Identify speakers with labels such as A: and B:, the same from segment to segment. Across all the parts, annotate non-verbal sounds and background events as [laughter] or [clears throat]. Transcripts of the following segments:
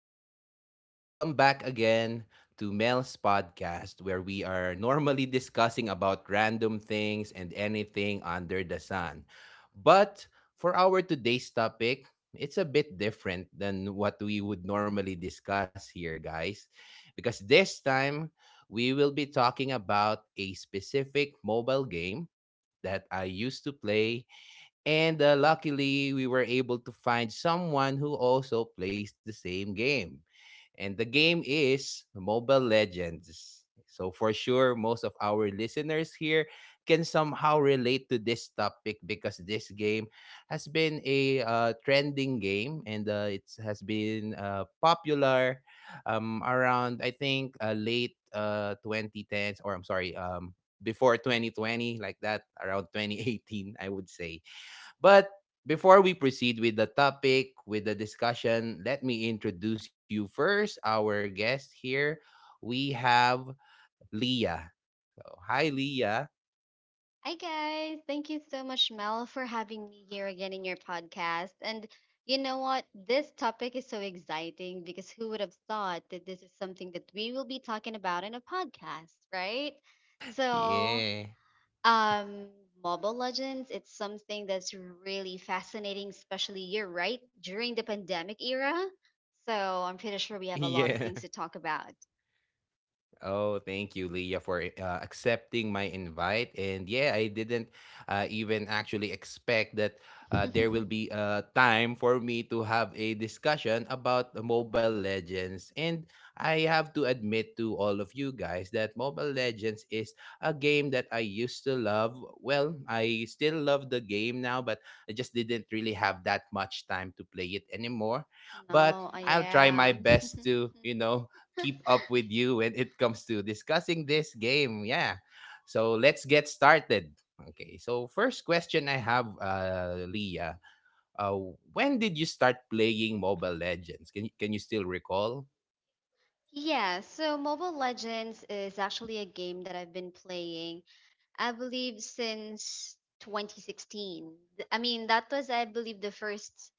A: everyone? And welcome back again to Mel's podcast, where we are normally discussing about random things and anything under the sun. But for our today's topic, it's a bit different than what we would normally discuss here, guys, because this time we will be talking about a specific mobile game that I used to play, and luckily, we were able to find someone who also plays the same game. And the game is Mobile Legends. So, for sure, most of our listeners here can somehow relate to this topic, because this game has been a trending game, and it has been popular around, I think, late 2010s, or I'm sorry, before 2020, like that, around 2018, I would say. But before we proceed with the topic, with the discussion, let me introduce you first. Our guest here, we have Leah. So, hi, Leah.
B: Hi, guys. Thank you so much, Mel, for having me here again in your podcast. And you know what? This topic is so exciting because who would have thought that this is something that we will be talking about in a podcast, right? So,
A: Yeah.
B: um, Mobile Legends, it's something that's really fascinating, especially you're right during the pandemic era. So, I'm
A: [laughs]
B: pretty sure we have a
A: Yeah.
B: lot of things to talk about.
A: Oh, thank you, Leah, for accepting my invite. And yeah, I didn't even actually expect that there will be
B: [laughs]
A: time for me to have a discussion about the Mobile Legends. And I have to admit to all of you guys that Mobile Legends is a game that I used to love. Well, I still love the game now, but I just didn't really have that much time to play it anymore. But
B: No, I
A: I'll try my
B: am.
A: best to
B: [laughs]
A: keep up with you when it comes to discussing this game. Yeah. So let's get started. Okay. So first question I have, Leah, uh, when did you start playing Mobile Legends? Can you still recall?
B: Yeah, so Mobile Legends is actually a game that I've been playing, I believe, since 2016. I mean, that was, I believe, the first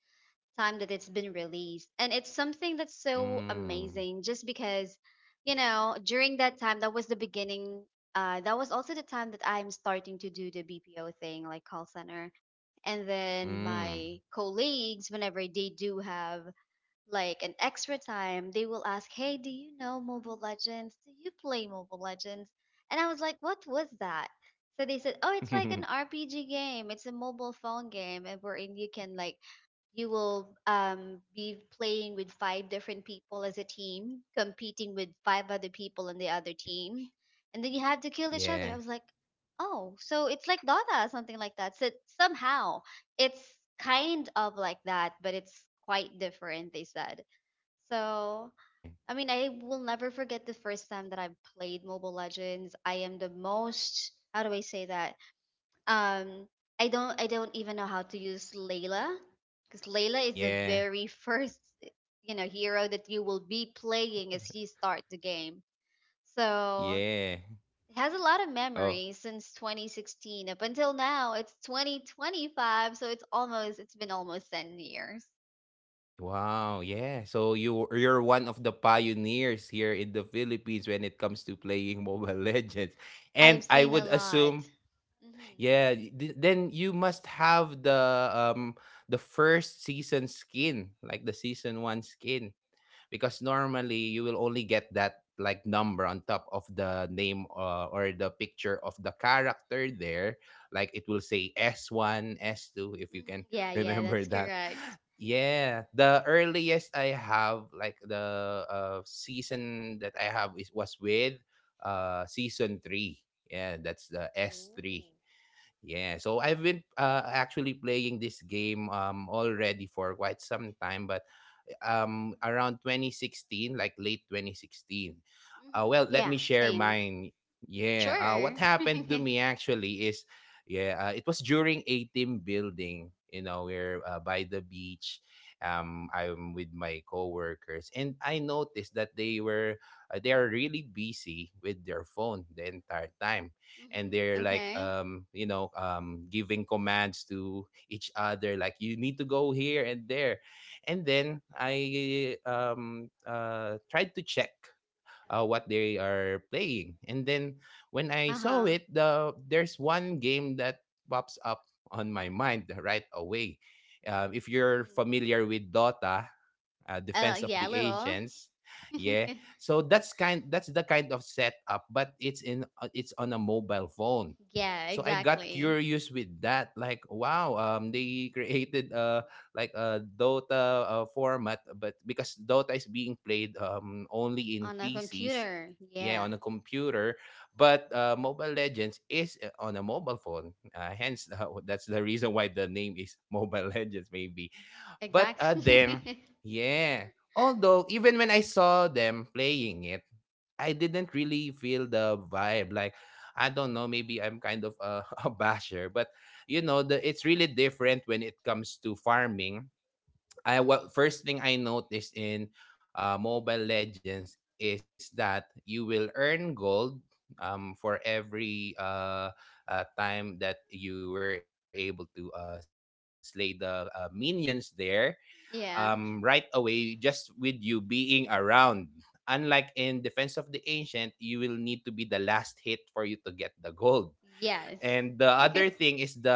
B: time that it's been released. And it's something that's so
A: Mm,
B: amazing just because, you know, during that time, that was the beginning. That was also the time that I'm starting to do the BPO thing, like call center. And then
A: mm.
B: my colleagues, whenever they do have like an extra time, they will ask, "Hey, do you know Mobile Legends? Do you play Mobile Legends?" And I was like, "What was that?" So they said, "Oh, it's like an
A: [laughs]
B: RPG game. It's a mobile phone game and wherein you can like you will be playing with five different people as a team, competing with five other people in the other team. And then you have to kill each other."
A: Yeah,
B: I was like, "Oh, so it's like Dota or something like that." So somehow it's kind of like that, but it's quite different, they said. So,
A: yeah,
B: I mean, I will never forget the first time that I played Mobile Legends. I am the most, how do I say that? Um, I don't even know how to use Layla because Layla is the
A: yeah,
B: very [laughs] first, you know, hero that you will be playing as you start the game. So,
A: yeah.
B: it has a lot of
A: Oh,
B: memories since 2016 up until now. It's 2025, so it's almost it's been almost 10 years.
A: wow, yeah. So you're one of the pioneers here in the Philippines when it comes to playing Mobile [laughs] Legends. And
B: I've
A: I
B: seen a
A: would
B: lot.
A: assume,
B: Hmm.
A: yeah, then you must have the um first season skin, like the season 1 skin, because normally you will only get that like number on top of the name, or the picture of the character there, like it will say s one, S S2, if you
B: Hmm.
A: can
B: Yeah,
A: [laughs]
B: yeah, that's
A: remember that.
B: correct.
A: Yeah, the earliest I have, like the season that I have is was with season 3. Yeah, that's the S3.
B: Ooh.
A: Yeah, so I've been actually playing this game already for quite some time, but around 2016, like late 2016. Uh,
B: Hmm.
A: well, let
B: Yeah,
A: me share
B: same.
A: mine. Yeah, what
B: Sure. [laughs]
A: happened
B: Hmm.
A: to me actually is, yeah, it was during a team building. You know, we're by the beach. I'm with my coworkers, and I noticed that they were they are really busy with their phone the entire time, and they're like
B: Okay.
A: giving commands to each other, like, you need to go here and there. And then I tried to check what they are playing. And then, when I
B: Uh
A: saw
B: huh.
A: it, there's one game that pops up on my mind right away. If you're
B: Hmm.
A: familiar with Dota, Defense of
B: Yeah, a
A: the
B: little.
A: Agents,
B: [laughs]
A: yeah, so that's kind that's the kind of setup, but it's on a mobile phone.
B: Yeah,
A: So I got
B: exactly.
A: curious with that, like, wow, they [laughs] created like a Dota format. But because Dota is being played only in
B: On a
A: PCs,
B: computer.
A: yeah,
B: Yeah,
A: on a computer, but Mobile Legends is on a mobile phone, hence [laughs] that's the reason why the name is [laughs] Mobile Legends, maybe. But
B: exactly. [laughs]
A: yeah. Although, even when I saw them playing it, I didn't really feel the vibe. Like, I don't know, maybe I'm kind of a, [laughs] a basher, but it's really different when it comes to farming. I
B: Mhm.
A: What first thing I noticed in Mobile Legends is that you will earn gold, for every time that you were able to slay the minions there
B: Yeah.
A: um, right away, just with you being around. Unlike in Defense of the Ancient, you will need to be the last hit for you to get the gold.
B: Yes.
A: And the
B: [laughs]
A: other thing is the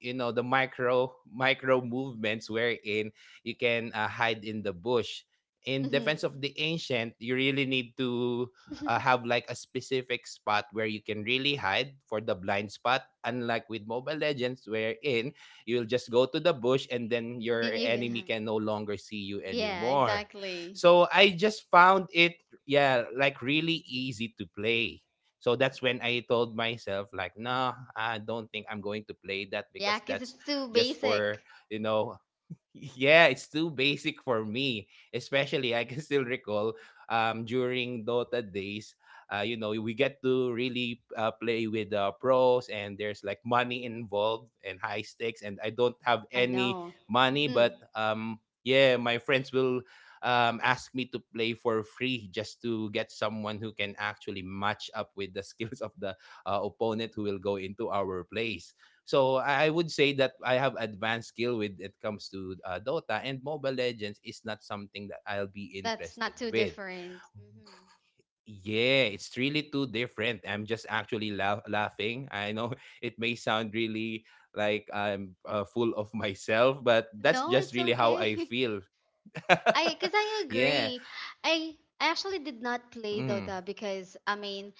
A: you know the micro movements, wherein you can hide in the bush. In Defense of
B: Hmm.
A: the Ancient, you really need to
B: [laughs]
A: have, like, a specific spot where you can really hide for the blind spot, unlike with Mobile Legends, wherein you'll just go to the bush and then your
B: Then you can
A: enemy can
B: hide.
A: no longer see you
B: Yeah,
A: anymore.
B: exactly.
A: So I just found it, yeah, like, really easy to play. So that's when I told myself, like, no, I don't think I'm going to play that,
B: Yeah,
A: because
B: 'cause
A: that's
B: it's too
A: just for,
B: basic.
A: you know, yeah, it's too basic for me. Especially, I can still recall during Dota days, we get to really play with pros, and there's, like, money involved and high stakes. And I don't have
B: I
A: any
B: know.
A: money,
B: Hmm.
A: but yeah, my friends will ask me to play for free, just to get someone who can actually match up with the [laughs] skills of the opponent who will go into our place. So I would say that I have advanced skill with it comes to Dota, and Mobile Legends is not something that I'll be
B: That's not
A: interested
B: too
A: with.
B: different. Hmm.
A: Yeah, it's really too different. I'm just actually laughing. I know, [laughs] it may sound really like I'm full of [laughs] myself, but
B: No,
A: that's
B: it's
A: just really
B: okay.
A: how I
B: [laughs]
A: feel. [laughs]
B: I because I agree.
A: Yeah.
B: I I actually did not play Dota
A: Mm,
B: because I mean,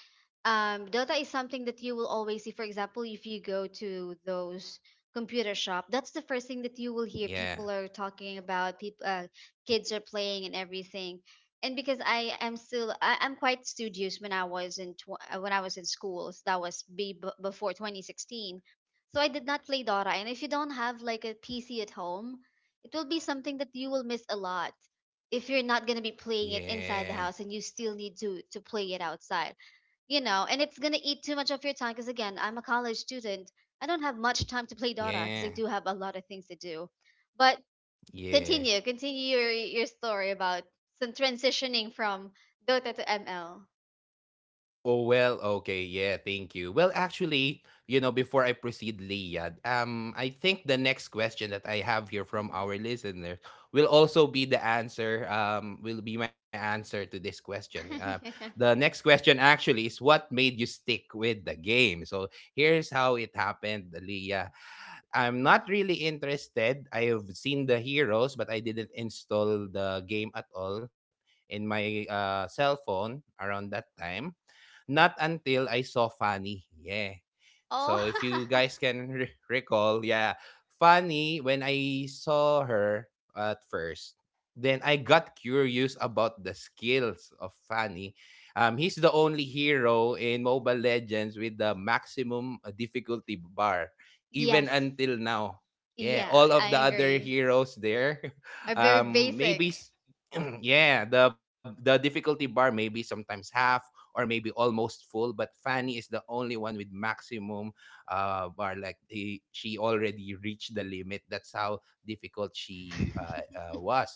B: Dota is something that you will always see. For example, if you go to those computer shop, that's the first thing that you will hear. People
A: yeah.
B: are talking about people, kids are playing and everything. And because I am still, I'm quite studious when I was in when I was in schools. That was before 2016. So I did not play Dota. And if you don't have like a PC at home, it will be something that you will miss a lot if you're not going to be playing it inside the
A: Yeah.
B: house and you still need to play it outside. You know, and it's going to eat too much of your time because again, I'm a college student. I don't have much time to play Dota
A: Yeah.
B: because I do have a lot of things to do. But
A: Yeah.
B: continue, continue your story about some transitioning from Dota to ML.
A: Oh, well, okay. Yeah, thank you. Well, actually, before I proceed, Liad, I think the next question that I have here from our
B: Mm-hmm.
A: listeners will be my answer to this question.
B: [laughs]
A: The
B: Hmm.
A: next question actually is, what made you stick with the game? So here's how it happened, Leah. I'm not really interested. I have seen the heroes, but I didn't install the game at all in my cell phone around that time. Not until I saw Fanny. Yeah.
B: Oh,
A: So if you guys can recall, yeah, Fanny, when I saw her at first, then I got curious about the skills of Fanny. He's the only hero in Mobile Legends with the maximum difficulty bar, even
B: [laughs] yes.
A: until now. Yeah,
B: Yeah,
A: all of
B: I
A: the other
B: agree.
A: heroes there,
B: Are
A: [laughs]
B: very
A: um, maybe
B: basic.
A: s- [clears throat] yeah, the difficulty bar maybe sometimes half, or maybe almost full. But Fanny is the only one with maximum bar. Like, she already reached the limit. That's how difficult she
B: [laughs]
A: was.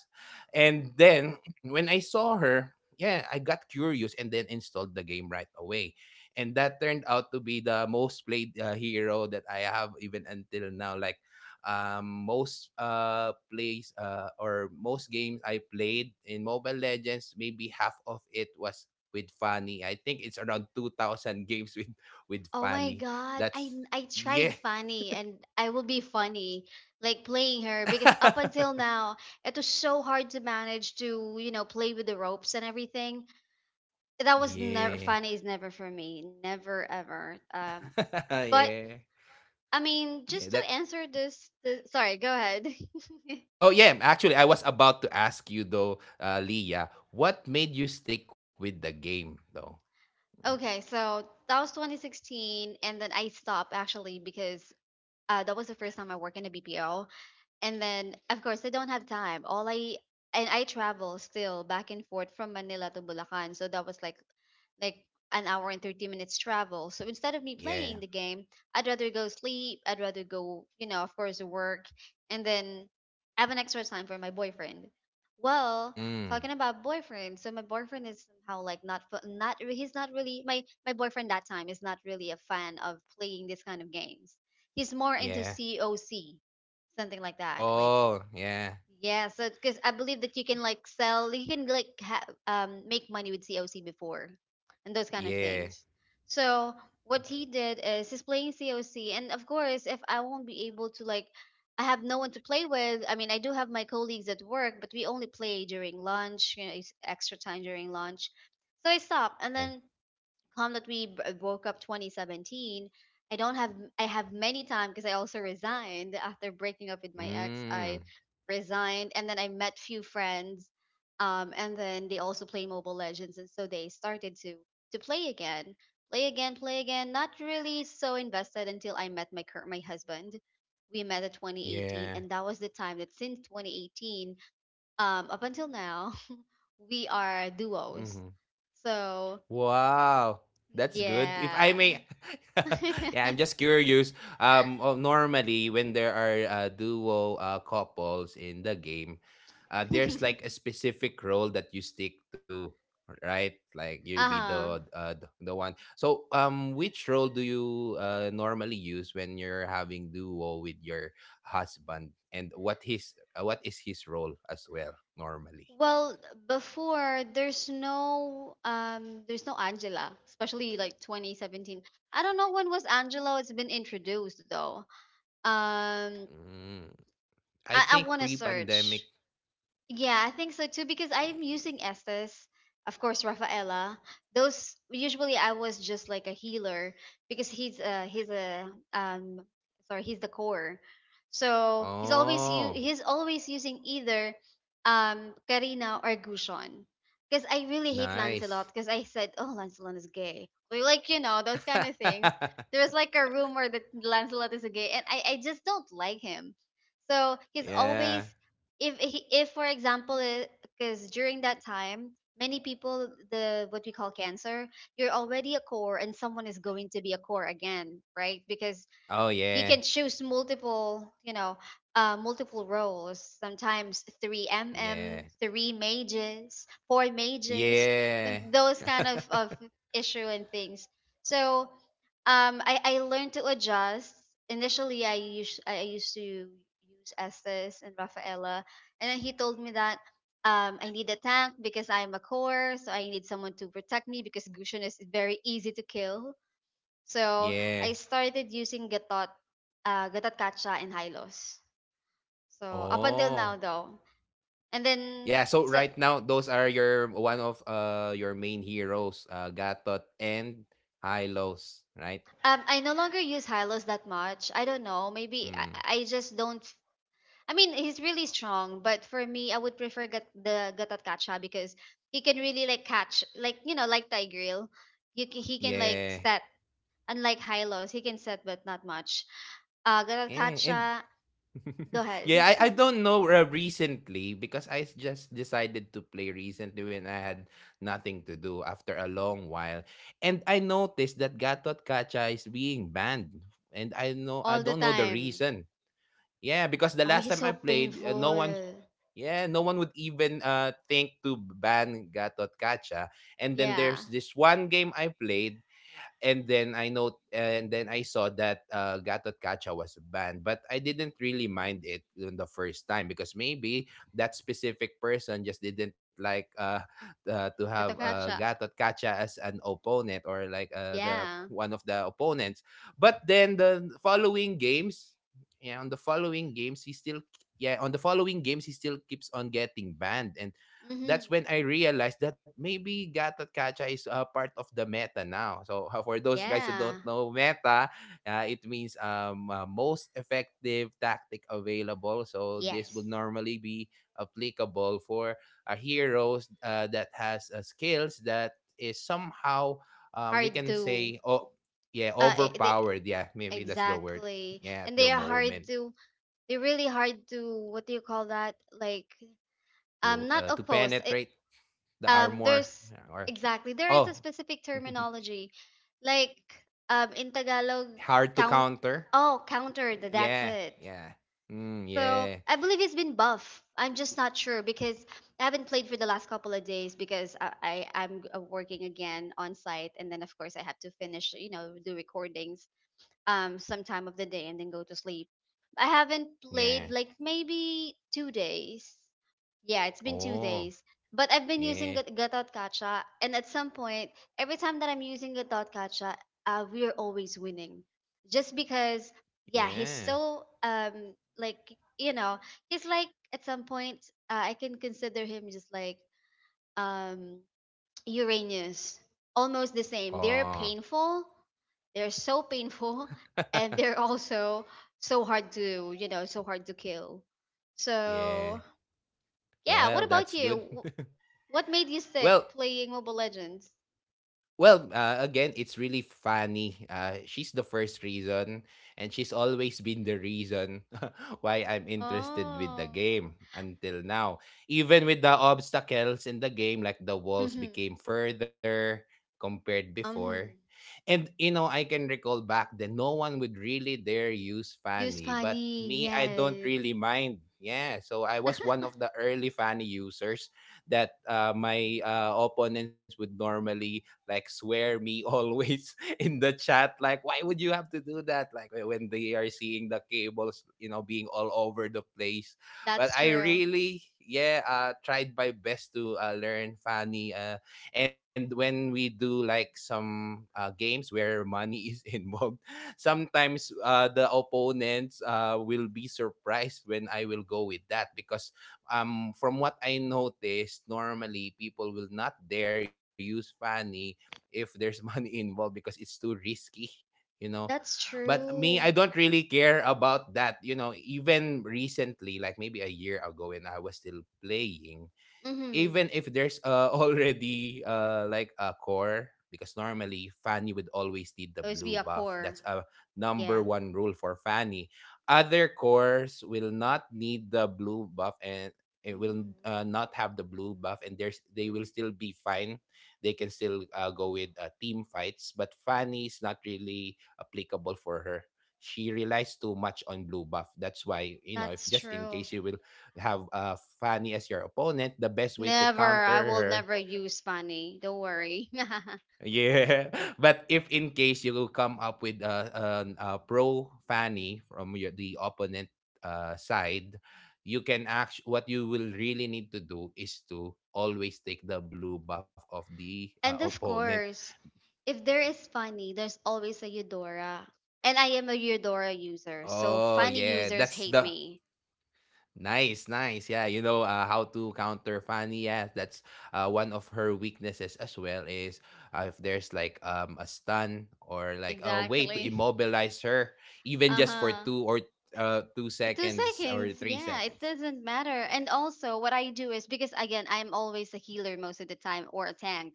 A: And then when I saw her, yeah, I got curious and then installed the game right away. And that turned out to be the most played hero that I have even until now. Like, most plays or most games I played in Mobile Legends, maybe half of it was with Fanny. I think it's around 2,000 games with
B: Oh my
A: Fanny.
B: god,
A: That's
B: I tried
A: Yeah.
B: funny and I will be funny like playing her because up until
A: [laughs]
B: now it was so hard to manage to, you know, play with the ropes and everything. That was never
A: Yeah.
B: funny is never for me. Never ever.
A: [laughs]
B: But
A: Yeah.
B: I mean,
A: Yeah,
B: just to
A: that
B: answer this, the, sorry, go ahead. [laughs]
A: oh, yeah, actually I was about to ask you though, Leah, what made you stick with the game though? Mm.
B: Okay, so that was 2016 and then I stopped actually because that was the first time I worked in a BPO. And then, of course, I don't have time. All I And I travel still back and forth from Manila to Bulacan, so that was like an hour and 30 minutes travel. So instead of me
A: Yeah.
B: playing the game, I'd rather go sleep, I'd rather go, you know, of course, work, and then have an extra time for my boyfriend. Well,
A: Mm,
B: talking about boyfriend, so my boyfriend is somehow like not re- he's not really my boyfriend that time is not really a fan of playing this kind of games. He's more into
A: yeah.
B: COC something like that like
A: Oh, yeah.
B: yeah. So because I believe that you can like sell, you can like make money with COC before and those kind of
A: Yeah.
B: things. So what he did is he's playing COC. And of course, if I won't be able to like I have no one to play with, I mean, I do have my colleagues at work, but we only play during lunch, you know, it's extra time during lunch. So I stopped and
A: Yeah.
B: then come that we broke up 2017. I don't have I have many time because I also resigned after breaking up with my ex. I
A: Mm,
B: resigned and then I met few friends, and then they also play Mobile Legends and so they started to play again, play again not really so invested until I met my my husband. We met at 2018
A: yeah.
B: and that was the time that since 2018, up until now [laughs] we are
A: Mhm.
B: duos. So
A: Wow, that's good. If I
B: yeah.
A: may, [laughs]
B: [laughs]
A: yeah, I'm just curious. Oh, normally when there are duo couples in the game, there's, like, a specific role that you stick to, right? Like, you'll be
B: Uh-huh.
A: the the one. So, which role do you normally use when you're having duo with your husband, and what is his role as well, normally?
B: Well, before there's there's no Angela, especially like 2017. I don't know when was Angela it's been introduced though. Um
A: Mm, I
B: I
A: think
B: wanna search.
A: pre-pandemic.
B: Yeah, I think so too because I am using Estes, of course, Rafaela. Those usually I was just like a healer because he's a um sorry he's the core, so
A: Oh,
B: he's always using either Karina or Gushon because I really hate
A: nice.
B: Lancelot because I said oh Lancelot is gay, like you know those kind of things.
A: [laughs]
B: There's like a rumor that Lancelot is a gay and I just don't like him. So he's always
A: Yeah.
B: if, for example, because during that time many people the what we call cancer, you're already a core and someone is going to be a core again, right? Because
A: Oh,
B: you
A: yeah.
B: can choose multiple, you know, multiple roles, sometimes
A: Yeah.
B: 3 mages, 4 mages,
A: Yeah.
B: those kind
A: [laughs]
B: of issue and things. So I learned to adjust. Initially I used to use Estes and Rafaela. And then he told me that I need a tank because I'm a core, so I need someone to protect me because Gushun is very easy to kill. So I
A: Yeah.
B: started using Gatot, Gatot Kacha and Hylos. So up until now
A: Oh.
B: though. And then
A: Yeah, so
B: so
A: right now those are your main heroes, Gatot and Hylos, right?
B: I no longer use Hylos that much. I don't know. Maybe
A: Mm.
B: I just don't. I mean, he's really strong, but for me, I would prefer get the Gatot Kacha because he can really like catch, like you know, like Tigreal. You can, he can like
A: Yeah.
B: set. Unlike Hylos, he can set, but not much. Gatot
A: Yeah, and
B: Kacha,
A: [laughs]
B: go ahead,
A: yeah, I
B: [laughs]
A: don't know recently, because I just decided to play recently when I had nothing to do after a long while. And I noticed that Gatot Kacha is being banned. And I
B: all the
A: don't know the
B: time.
A: reason. Yeah, because the
B: Oh,
A: last
B: he's
A: time
B: so
A: I played,
B: painful.
A: no one would even think to ban Gatot Kacha. And then there's
B: Yeah.
A: this one game I played, and then I saw that Gattacaca was banned, but I didn't really mind it on the first time, because maybe that specific person just didn't like [laughs] to have
B: Gatokacha.
A: Gattacaca as an opponent, or like the
B: Yeah.
A: one of the opponents. But then the following games, yeah, on the following games he still keeps on getting banned, and
B: Mm-hmm.
A: that's when I realized that maybe Gattacaca is part of the meta now. So [laughs] for those guys who don't
B: Yeah.
A: know meta, it means most effective tactic available. So this will
B: Yes.
A: normally be applicable for heroes that has skills that is somehow we
B: Hard
A: can
B: to
A: say, oh yeah,
B: they
A: overpowered. Yeah, maybe that's the word.
B: exactly.
A: Yeah, at
B: And
A: the
B: they are hard
A: moment.
B: to they're really hard to what do you call that? Like
A: to
B: not
A: uh, to
B: oppose. It,
A: penetrate the armor,
B: there's
A: yeah, or
B: exactly there is a
A: oh.
B: specific
A: [laughs]
B: terminology. Like in Tagalog
A: Hard to
B: count,
A: counter.
B: oh countered, that's
A: Yeah,
B: it.
A: yeah, mm,
B: So
A: yeah,
B: I believe he's been buff. I'm just not sure because I haven't played for the last couple of days because I'm working again on site and then of course I have to finish, you know, the recordings some time of the day and then go to sleep. I haven't played
A: yeah,
B: like maybe 2 days. Yeah, it's been two
A: oh,
B: days. But I've been using
A: yeah,
B: Gathotkacha, and at some point, every time that I'm using Gathotkacha, we are always winning. Just because, yeah, he's
A: yeah,
B: so like you know he's like at some point, I can consider him just like um Uranus. Almost the same. They're
A: oh.
B: painful. They're so painful, [laughs] and
A: [laughs]
B: they're also so hard to, you know, so hard to kill. So
A: Yeah,
B: yeah, what
A: well,
B: about
A: that's
B: you?
A: good. [laughs]
B: What made you
A: well
B: sick playing Mobile Legends?
A: Well, again, it's really funny. She's the first reason, and she's always been the reason [laughs] why I'm interested with the
B: Oh.
A: game until now. Even with the obstacles in the game, like the walls
B: Mhm.
A: became further compared before.
B: Mhm.
A: And I can recall back then no one would really dare use
B: Use
A: Fanny, but
B: funny.
A: me, I don't
B: Yes.
A: really mind. Yeah, so I was one of
B: [laughs]
A: the early Fanny users that my opponents would normally like swear me always [laughs] in the chat. Like, why would you have to do that? Like when they are seeing the cables, being all over the place. But
B: That's
A: I
B: true.
A: really, yeah, tried my best to learn Fanny. And when we do like some games where money is [laughs] involved, sometimes the opponents will be surprised when I will go with that because from what I noticed, normally people will not dare use Fanny if there's [laughs] money involved because it's too risky, you know.
B: That's
A: But me, I
B: true.
A: don't really care about that. Even recently, like maybe a year ago when I was still playing,
B: Mhm.
A: even if there's [laughs] already like a core because normally Fanny would always need the
B: Always be
A: blue
B: a
A: buff.
B: core.
A: That's a number
B: Yeah.
A: one rule for Fanny. Other cores will not need the blue buff and it will
B: Mhm.
A: not have the blue buff and there's they will still be fine. They can still go with team fights, but Fanny is not really applicable for her. She relies too much on blue buff. That's why, if
B: That's
A: just in
B: true.
A: case you will have Fanny as your opponent, the best way to
B: Never. I
A: counter
B: will
A: her.
B: never
A: [laughs]
B: use funny. Don't worry. [laughs]
A: Yeah. [laughs] But if in case you will come up with a pro Fanny from the opponent side, you can act. What you will really need to do is to always take the blue buff of the
B: And of
A: opponent.
B: course, if there is funny, there's always a Eudora. And I am a Eudora user, so
A: Oh
B: funny
A: yeah.
B: users
A: that's
B: hate
A: the
B: me.
A: Nice, nice. Yeah, you know how to counter Fanny. Yeah, that's one of her weaknesses as well. Is if there's like a stun or like a way to
B: Exactly. [laughs]
A: immobilize her, even
B: Uh
A: just for
B: huh.
A: two
B: Two
A: seconds or
B: seconds.
A: three
B: Yeah, it
A: seconds.
B: doesn't matter.
A: Yeah,
B: And also, what I do is because again, I'm always a healer most of the time or a tank.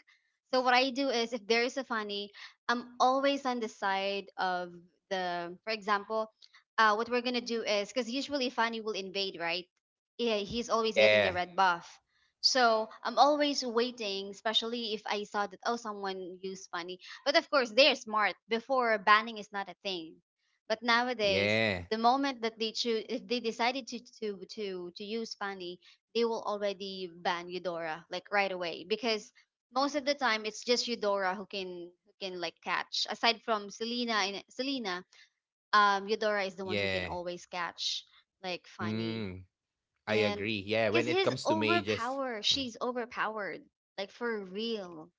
B: So what I do is if there is a funny, I'm always on the side of the. For example, what we're gonna do is because usually funny will invade, right? Yeah, he's always getting the
A: yeah,
B: red buff. So I'm always waiting, especially if I saw that oh someone used funny. But of course, they're smart. Before banning is not a thing. But nowadays,
A: yeah,
B: the moment that they choose if they decided to use funny, they will already ban eudora like right away because most of the time it's just eudora who can like catch aside from selena and selena, eudora is the one who can
A: yeah.
B: always catch like funny.
A: Mm, I
B: And
A: agree. Yeah,
B: because
A: when it
B: he's
A: comes to mages.
B: overpowered
A: Hmm.
B: she's overpowered, like for real.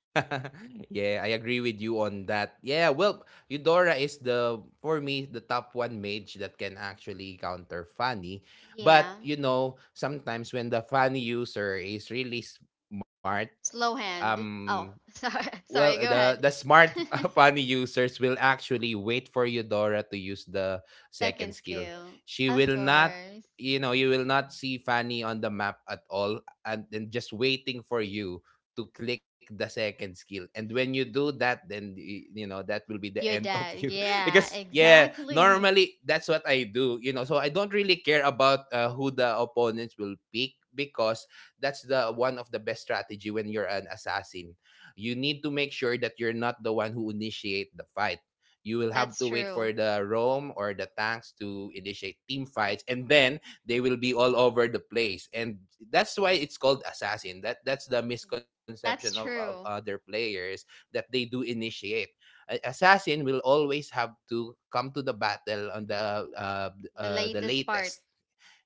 A: [laughs] Yeah, I agree with you on that. Yeah, well, Eudora is the for me the top one mage that can actually counter Fanny.
B: Yeah,
A: But sometimes when the Fanny user is really smart.
B: slow hand.
A: um
B: Oh, [laughs] sorry,
A: Well,
B: sorry, go
A: the
B: ahead.
A: smart [laughs] funny users will actually wait for Eudora to use the
B: [laughs]
A: second
B: Second
A: skill.
B: skill,
A: She
B: of
A: will not,
B: course.
A: you will not see Fanny on the map at all, and then just waiting for you to click the second skill. And when you do that, then you know that will be the
B: Your
A: end [laughs] of you.
B: dad. Yeah,
A: Because yeah,
B: exactly.
A: normally that's what I do. So I don't really care about who the opponents will pick because that's the one of the best strategy when you're an assassin. You need to make sure that you're not the one who initiate the fight. You will have
B: That's
A: to wait for
B: true.
A: the Rome or the tanks to initiate team fights, and then they will be all over the place. And that's why it's called assassin. That's the misconception
B: That's
A: of
B: true.
A: other players that they do initiate. Assassin will always have to come to the battle on the uh,
B: The
A: uh, the
B: latest part.
A: latest,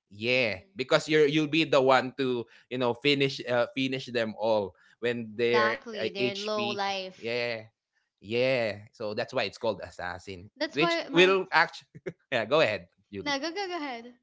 A: yeah,
B: Hmm.
A: because you'll be the one to finish them all when they're
B: Exactly. Their
A: HP.
B: low life.
A: Yeah, yeah. So that's why it's called assassin,
B: That's
A: which
B: why
A: will
B: my.
A: actually. [laughs] Yeah, go ahead, Julie.
B: No, go, go, go ahead.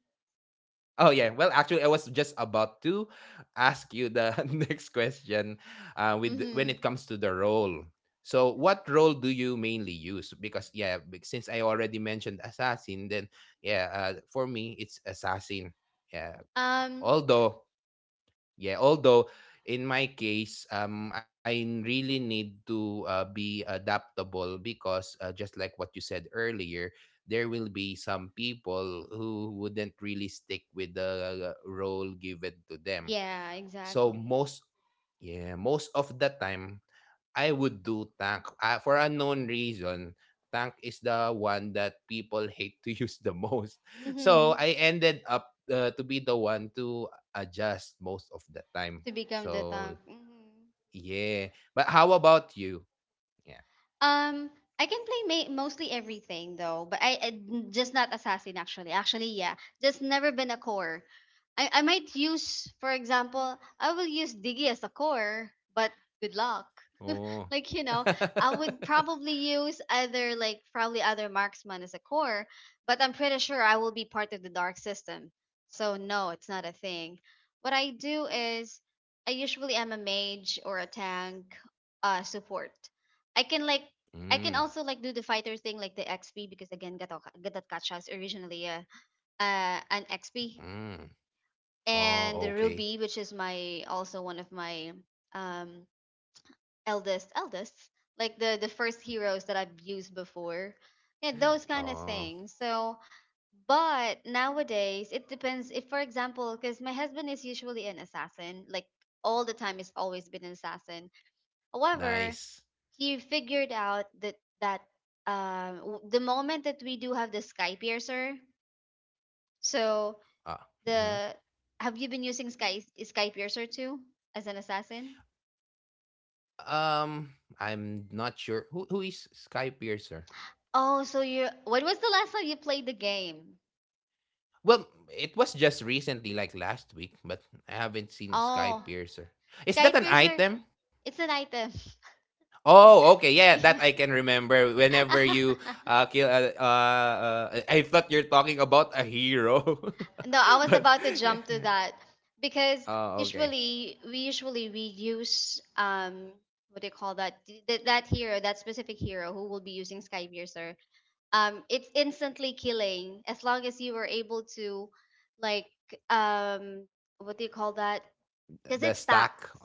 A: Oh yeah. Well, actually, I was just about to ask you the [laughs] next question. With when
B: Hmm.
A: it comes to the role. So, what role do you mainly use? Because yeah, since I already mentioned assassin, then yeah, for me it's assassin. Yeah,
B: Um.
A: although. Yeah, although in my case, I really need to be adaptable because just like what you said earlier, there will be some people who wouldn't really stick with the role given to them.
B: Yeah,
A: So
B: exactly.
A: most, of the time, I would do Tank. For unknown reason, Tank is the one that people hate to [laughs] use the most. [laughs] So
B: Hmm.
A: I ended up to be the one to adjust most of the time.
B: To become the
A: So,
B: tank. Hmm.
A: yeah. But how about you? Yeah.
B: Um, I can play mostly everything though, but I just not assassin actually. Actually, yeah, just never been a core. I might use, for example, I will use Diggy as a core, but good luck,
A: Oh.
B: like you know.
A: [laughs]
B: I would probably use either like probably other marksman as a core, but I'm pretty sure I will be part of the dark system, so no it's not a thing.
A: Ah.
B: What I do is I usually am a mage or a tank, support. I can like, I can
A: Mm.
B: also like do the fighter thing like the XP, because again gato gatot kacha is originally a, an XP,
A: Mm. Oh,
B: and the
A: okay.
B: ruby which is my also one of my um eldest, like the first heroes that I've
A: [laughs]
B: used before, yeah, those kind of
A: Oh,
B: things. So but nowadays it depends. If for example, because my husband is usually an assassin, like all the time he's always been an assassin. However,
A: nice.
B: he figured out that that the moment that we do have the sky piercer, so
A: Ah. Mhm.
B: the, have you been using sky piercer too as an assassin?
A: Um, I'm not sure who is Skypiercer.
B: Oh, so you, when was the last time you played the game?
A: Well, it was just recently, like last week, but I haven't seen
B: Oh,
A: Skypiercer. Is
B: sky
A: that an
B: piercer.
A: item?
B: It's an item. [laughs]
A: Oh, okay, yeah,
B: Yeah.
A: that I can remember. Whenever you
B: [laughs]
A: kill, a, I thought you're talking about a hero,
B: No, I
A: [laughs]
B: was
A: but
B: about to
A: yeah.
B: jump to that because
A: Oh, okay.
B: usually we use what do you call that, that hero, that specific hero who will be using sky piercer. It's instantly killing as long as you are able to like, um, what do you call that. Because it
A: The stack.
B: stacks.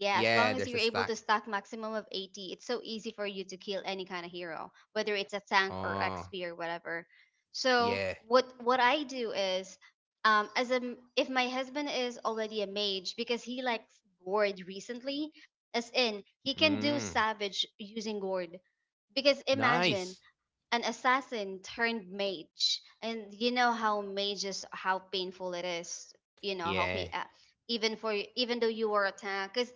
B: Yeah, as long
A: Yeah,
B: as you're
A: there's a
B: able to
A: stack.
B: stack maximum of 80, it's so easy for you to kill any kind of hero, whether it's a tank or
A: Oh,
B: XP or whatever. So
A: yeah.
B: what I do is, um, as a if my husband is already a mage because he likes gourd recently, as in he can do
A: Mm,
B: savage using gourd. Because imagine
A: Nice.
B: an assassin turned mage and you know how mages, how painful it is, you know how
A: Yeah,
B: even for even though you are a tank. Because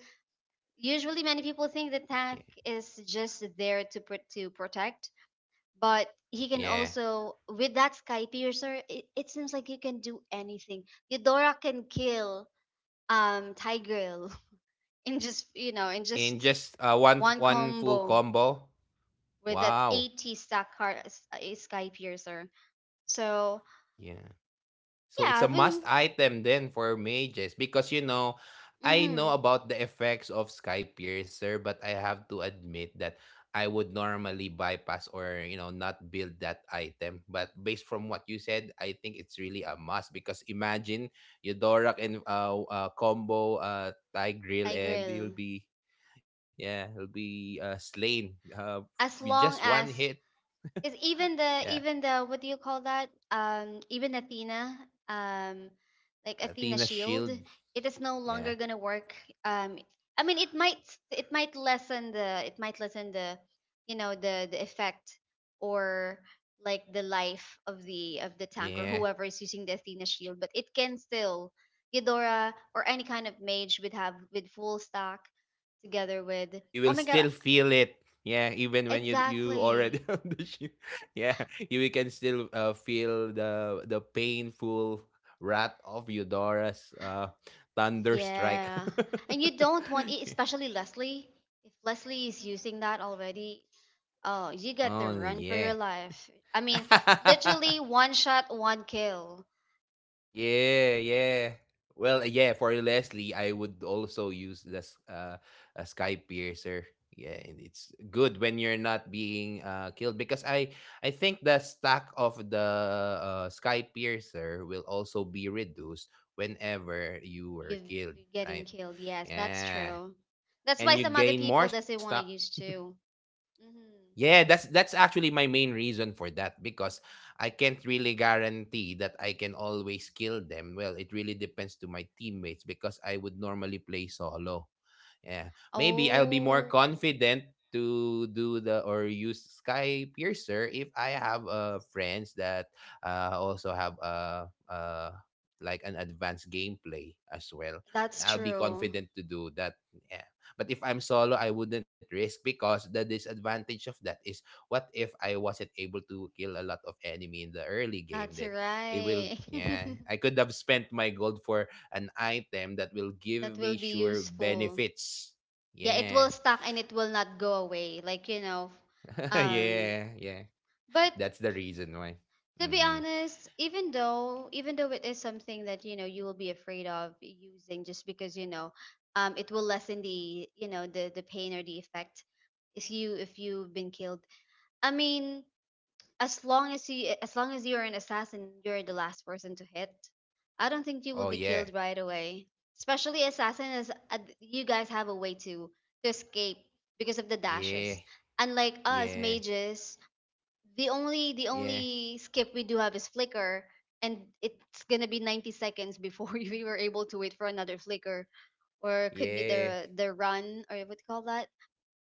B: usually many people think the
A: yeah.
B: tank is just there to to protect, but he can
A: yeah.
B: also with that sky piercer, it seems like you can do anything. Eudora can kill, um, tigril [laughs] in just you know, in
A: In
B: just
A: just one
B: one
A: one full
B: combo
A: combo.
B: with that
A: Wow.
B: 80 stack card, sky piercer, so.
A: Yeah. So it's
B: Yeah, I
A: a must
B: will.
A: item then for me just because I
B: Mm-hmm.
A: know about the effects of sky piercer but I have to admit that I would normally bypass or not build that item. But based from what you said, I think it's really a must because imagine Eudorak and combo Thai grill and he'll
B: Tigril.
A: be yeah, he'll be slain with
B: As
A: just
B: long
A: one
B: as.
A: hit. [laughs]
B: Because
A: Yeah.
B: even the what do you call that? Even Athena, um, like
A: Athena
B: Athena Shield,
A: shield.
B: it is no
A: yeah
B: longer gonna work. Um, I mean, it might, it might lessen the, it might lessen the, you know, the effect, or like the life of the tank or
A: Yeah.
B: whoever is using the Athena Shield, but it can still Eudora or any kind of mage would have with full stock together with.
A: You
B: Oh
A: will
B: my god!
A: still feel it. Yeah, even when you already
B: Exactly.
A: [laughs] on the ship. Yeah, you can still feel the painful wrath of Eudora's thunder strike.
B: Yeah. And you don't want it,
A: [laughs]
B: especially Leslie. If Leslie is using that already, oh, you get the
A: Oh
B: run for your
A: yeah.
B: life. I mean, literally
A: [laughs]
B: one shot, one kill.
A: Yeah, yeah. Well, yeah, for Leslie, I would also use this a sky piercer. Yeah, and it's good when you're not being killed because I think the stack of the sky piercer will also be reduced whenever you
B: You're
A: were killed,
B: getting
A: right?
B: killed. Yes, that's
A: Yeah.
B: true. That's why
A: And you
B: some other
A: gain more
B: people
A: stuff.
B: doesn't want to use too. Hmm.
A: Yeah, that's actually my main reason for that because I can't really guarantee that I can always kill them. Well, it really depends to my teammates because I would normally play solo. Yeah. Maybe I'll be more
B: Oh,
A: confident to do the or use sky piercer if I have friends that also have like an advanced gameplay as well.
B: that's
A: I'll be
B: true.
A: confident to do that. Yeah. But if I'm solo, I wouldn't risk because the disadvantage of that is what if I wasn't able to kill a lot of enemy in the early game?
B: That's
A: Then it will
B: right.
A: yeah.
B: [laughs]
A: I could have spent my gold for an item that will
B: That
A: give
B: will
A: me
B: be
A: sure
B: useful.
A: benefits.
B: Yeah, it
A: Yeah.
B: will stuck and it will not go away. Like, you know,
A: [laughs]
B: um.
A: Yeah, yeah.
B: But
A: That's the reason why.
B: to be
A: Hmm.
B: honest, even though it is something that you know you will be afraid of using just because you know, um, it will lessen the, you know, the pain or the effect if you if you've been killed. I mean, as long as you as long as you're an assassin, you're the last person to hit. I don't think you will
A: Oh,
B: be killed
A: yeah.
B: right away. Especially assassin is, you guys have a way to escape because of the dashes.
A: Yeah.
B: Unlike us
A: Yeah.
B: mages, the
A: Yeah.
B: only skip we do have is flicker, and it's gonna be 90 seconds before [laughs] we were able to wait for another flicker, or it could be
A: Yeah.
B: the run or what do you call that,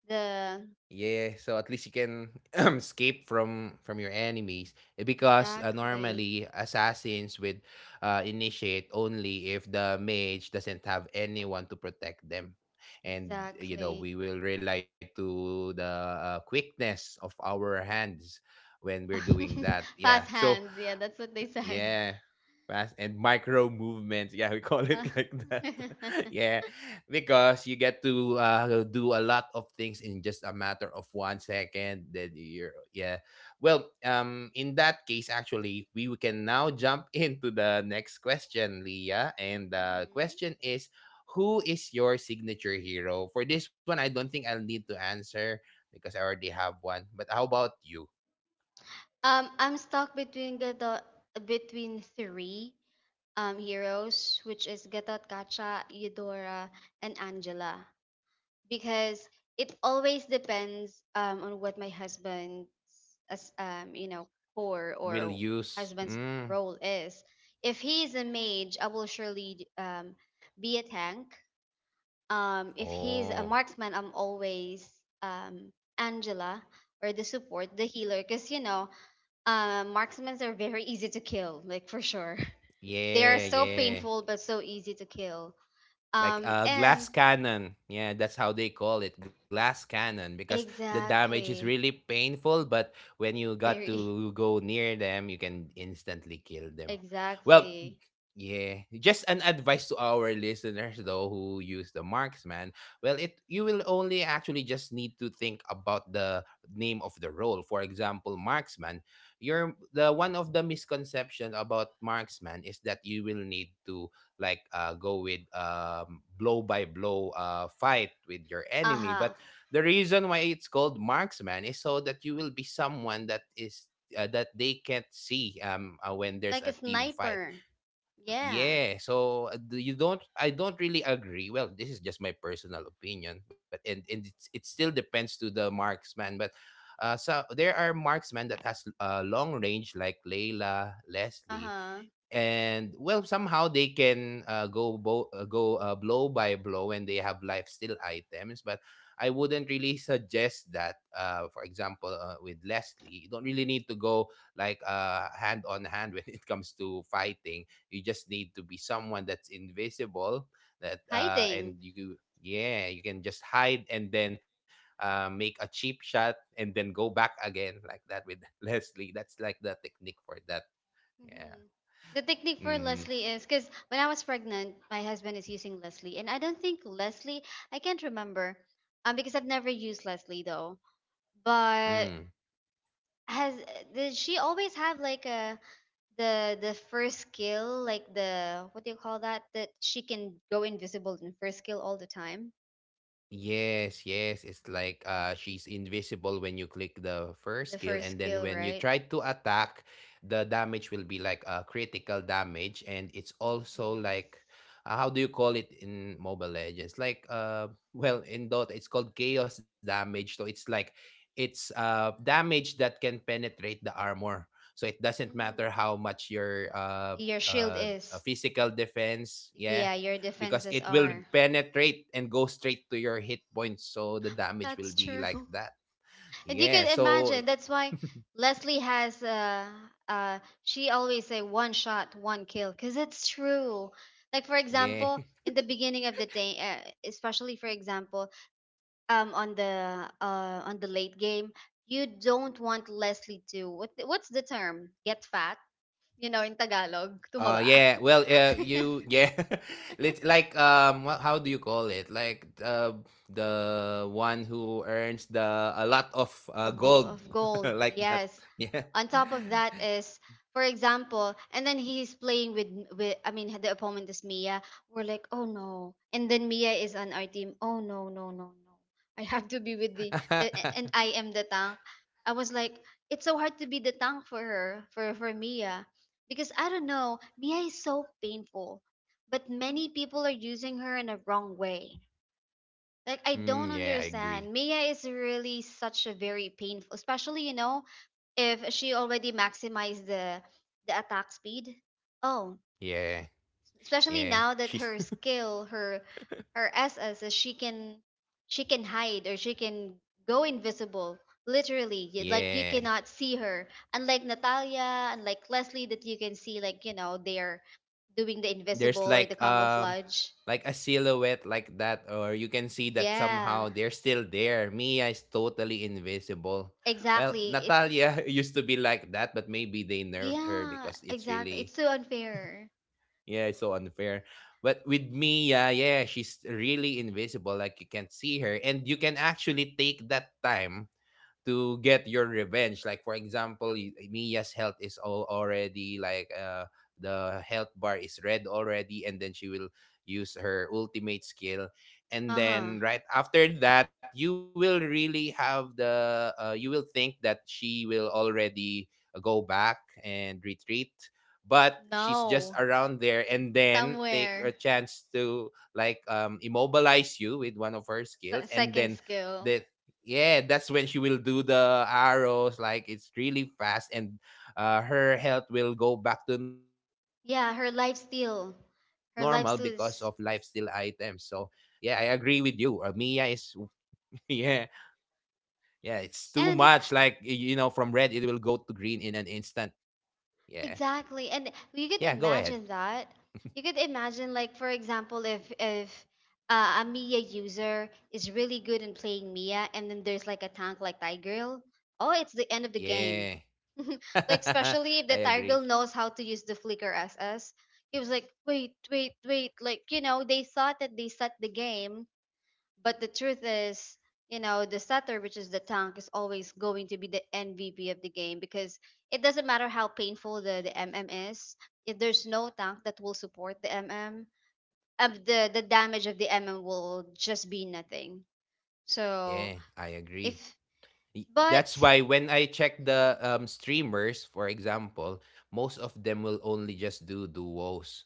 B: the
A: Yeah, so at least you can [clears throat] escape from your enemies. Because
B: exactly
A: normally assassins would initiate only if the mage doesn't have anyone to protect them. And
B: exactly.
A: we will rely to the quickness of our hands when we're doing that.
B: [laughs] Fast
A: Yeah. So
B: hands, yeah, that's what they said.
A: yeah. Fast and micro movements. Yeah, we call it [laughs] like
B: [laughs]
A: that. [laughs]
B: Mhm.
A: Yeah. Because you get to do a lot of things in just a matter of 1 second. Then you're yeah. Well, in that case, actually, we can now jump [laughs] into the next question, Leah. And the question is, who is your signature hero? For this one, I don't think I'll need to answer because I already have one. But how about you?
B: Um, I'm stuck between Gato, between three, um, heroes which is Gatot, Kacha, Eudora and Angela, because it always depends, on what my husband's, as you know, core
A: Will
B: or
A: use
B: husband's
A: mm,
B: role is. If he is a mage, I will surely, be a tank. If he's
A: Oh,
B: a marksman, I'm always, um, Angela or the support, the healer, because you know, marksmen are very easy to kill, like for sure. [laughs] They are
A: yeah,
B: so
A: yeah.
B: painful but so easy to kill.
A: Like a
B: And
A: glass cannon. Yeah, that's how they call it, glass cannon, because the damage is really
B: exactly
A: painful, but when you got
B: very
A: to go near them, you can instantly kill them. Well,
B: exactly.
A: yeah, just an advice to our listeners though who use the marksman. Well, it you will only actually just need to think about the name of the role. For example, marksman, you're the one of the misconception about marksman is that you will need to like go with blow by blow fight with your enemy.
B: Uh-huh.
A: But the reason why it's called marksman is so that you will be someone that is that they can't see when there's
B: Like a
A: a team fight.
B: sniper. Yeah.
A: Yeah, so do you don't I don't really agree. Well, this is just my personal opinion, but and it still depends to the marksman, but so there are marksmen that has long range like Layla, Leslie,
B: Uh-huh.
A: and well somehow they can go bo- go blow by blow and they have life steal items but I wouldn't really suggest that for example with Leslie you don't really need to go like hand on hand when [laughs] it comes to fighting. You just need to be someone that's invisible that and
B: Hiding.
A: you yeah you can just hide and then make a cheap shot and then go back again like that with [laughs] Leslie. That's like the technique for that. Yeah.
B: Hmm. The technique for
A: Mm-hmm.
B: Leslie is because when I was pregnant, my husband is using Leslie, and I don't think Leslie. I can't remember, because I've never used Leslie though. But
A: Mm.
B: has, did she always have like a the first skill, like the what do you call that, that she can go invisible in first skill all the time?
A: Yes, yes. It's like she's invisible when you click the first
B: The
A: skill,
B: first
A: and then
B: skill,
A: when you
B: right?
A: try to attack, the damage will be like a critical damage, and it's also
B: Yes.
A: like how do you call it in Mobile Legends? Like [laughs] well in Dota it's called chaos damage. So it's like it's damage that can penetrate the armor. So it doesn't
B: Hmm.
A: matter how much your
B: Your shield is.
A: physical defense, yeah,
B: Yeah, your
A: because
B: defenses
A: it will
B: are.
A: penetrate and go straight to your hit points so the damage will
B: That's
A: be
B: true.
A: like
B: [laughs]
A: that.
B: And you
A: Yeah,
B: can
A: so
B: imagine. That's why
A: [laughs]
B: Leslie has uh she always say one shot, one kill, because it's true. Like for
A: yeah.
B: example, in the beginning of the day, especially for example, um, on the late game, you don't want Leslie to what, what's the term? Get fat. You know, in Tagalog, tumaba.
A: Yeah, well, you
B: [laughs]
A: yeah. [laughs] How do you call it? Like the one who earns the a lot of
B: Of,
A: gold
B: of
A: [laughs]
B: gold,
A: like that.
B: yes.
A: Yeah.
B: On top of that is, for example, and then he's playing with I mean the opponent is mia, we're like oh no, and then mia is on our team, oh no no no no, I have to be with the
A: [laughs]
B: and I am the tank. I was like, it's so hard to be the tank for her, for mia, because I don't know, mia is so painful. But many people are using her in a wrong way, like I
A: Mm, yeah
B: don't
A: I agree.
B: understand. Mia is really such a very painful, especially you know, if she already maximized the attack speed. Oh,
A: yeah
B: especially
A: yeah
B: now that
A: she's [laughs]
B: her S S, is she can hide or she can go invisible. Literally, like you
A: yeah.
B: cannot see her. Unlike Natalia, unlike Leslie, that you can see like you know they're doing the
A: There's
B: invisible or the camouflage.
A: like a silhouette like that, or you can see that
B: Yeah,
A: somehow they're still there. Mia is totally invisible. Well,
B: exactly. It's,
A: Natalia [laughs] used to be like that, but maybe they nerfed her
B: yeah,
A: because it's
B: exactly.
A: really.
B: It's so unfair.
A: Yeah, it's so unfair. But with Mia, she's really invisible, like you can't see her, and you can actually take that time to get your revenge. Like for example, Mia's health is all already like the health bar is red already, and then she will use her ultimate skill. And
B: Uh-huh.
A: then right after that, you will really have the you will think that she will already go back and retreat. But she's just
B: No.
A: around there, and then take a
B: Somewhere.
A: chance to like immobilize you with one of her skills, and
B: Second
A: then
B: skill.
A: the yeah that's when she will do the arrows like it's really fast and her health will go back to normal because of
B: Yeah, her life
A: lifesteal
B: steal.
A: items. So
B: Her
A: yeah,
B: life
A: I agree
B: steals.
A: with you. Mia is [laughs] yeah. Yeah, it's too much, like you know, from red it
B: And
A: will go to green in an instant. Yeah. Yeah, go
B: exactly.
A: ahead.
B: And you could imagine that. You could imagine like, for example, if a Mia user is really good in playing Mia and then there's like a tank like Tigreal. Oh, it's the end of the game.
A: Yeah.
B: [laughs] Like especially if
A: [laughs] I
B: the tiger
A: agree.
B: knows how to use the flicker as us, he was like wait wait wait, like you know they thought that they set the game, but the truth is, you know, the setter which is the tank is always going to be the mvp of the game, because it doesn't matter how painful the mm is, if there's no tank that will support the mm, the damage of the mm will just be nothing, so
A: Yeah, I agree.
B: if but
A: That's why when I check the
B: mhm,
A: streamers, for example, most of them will only just do duos.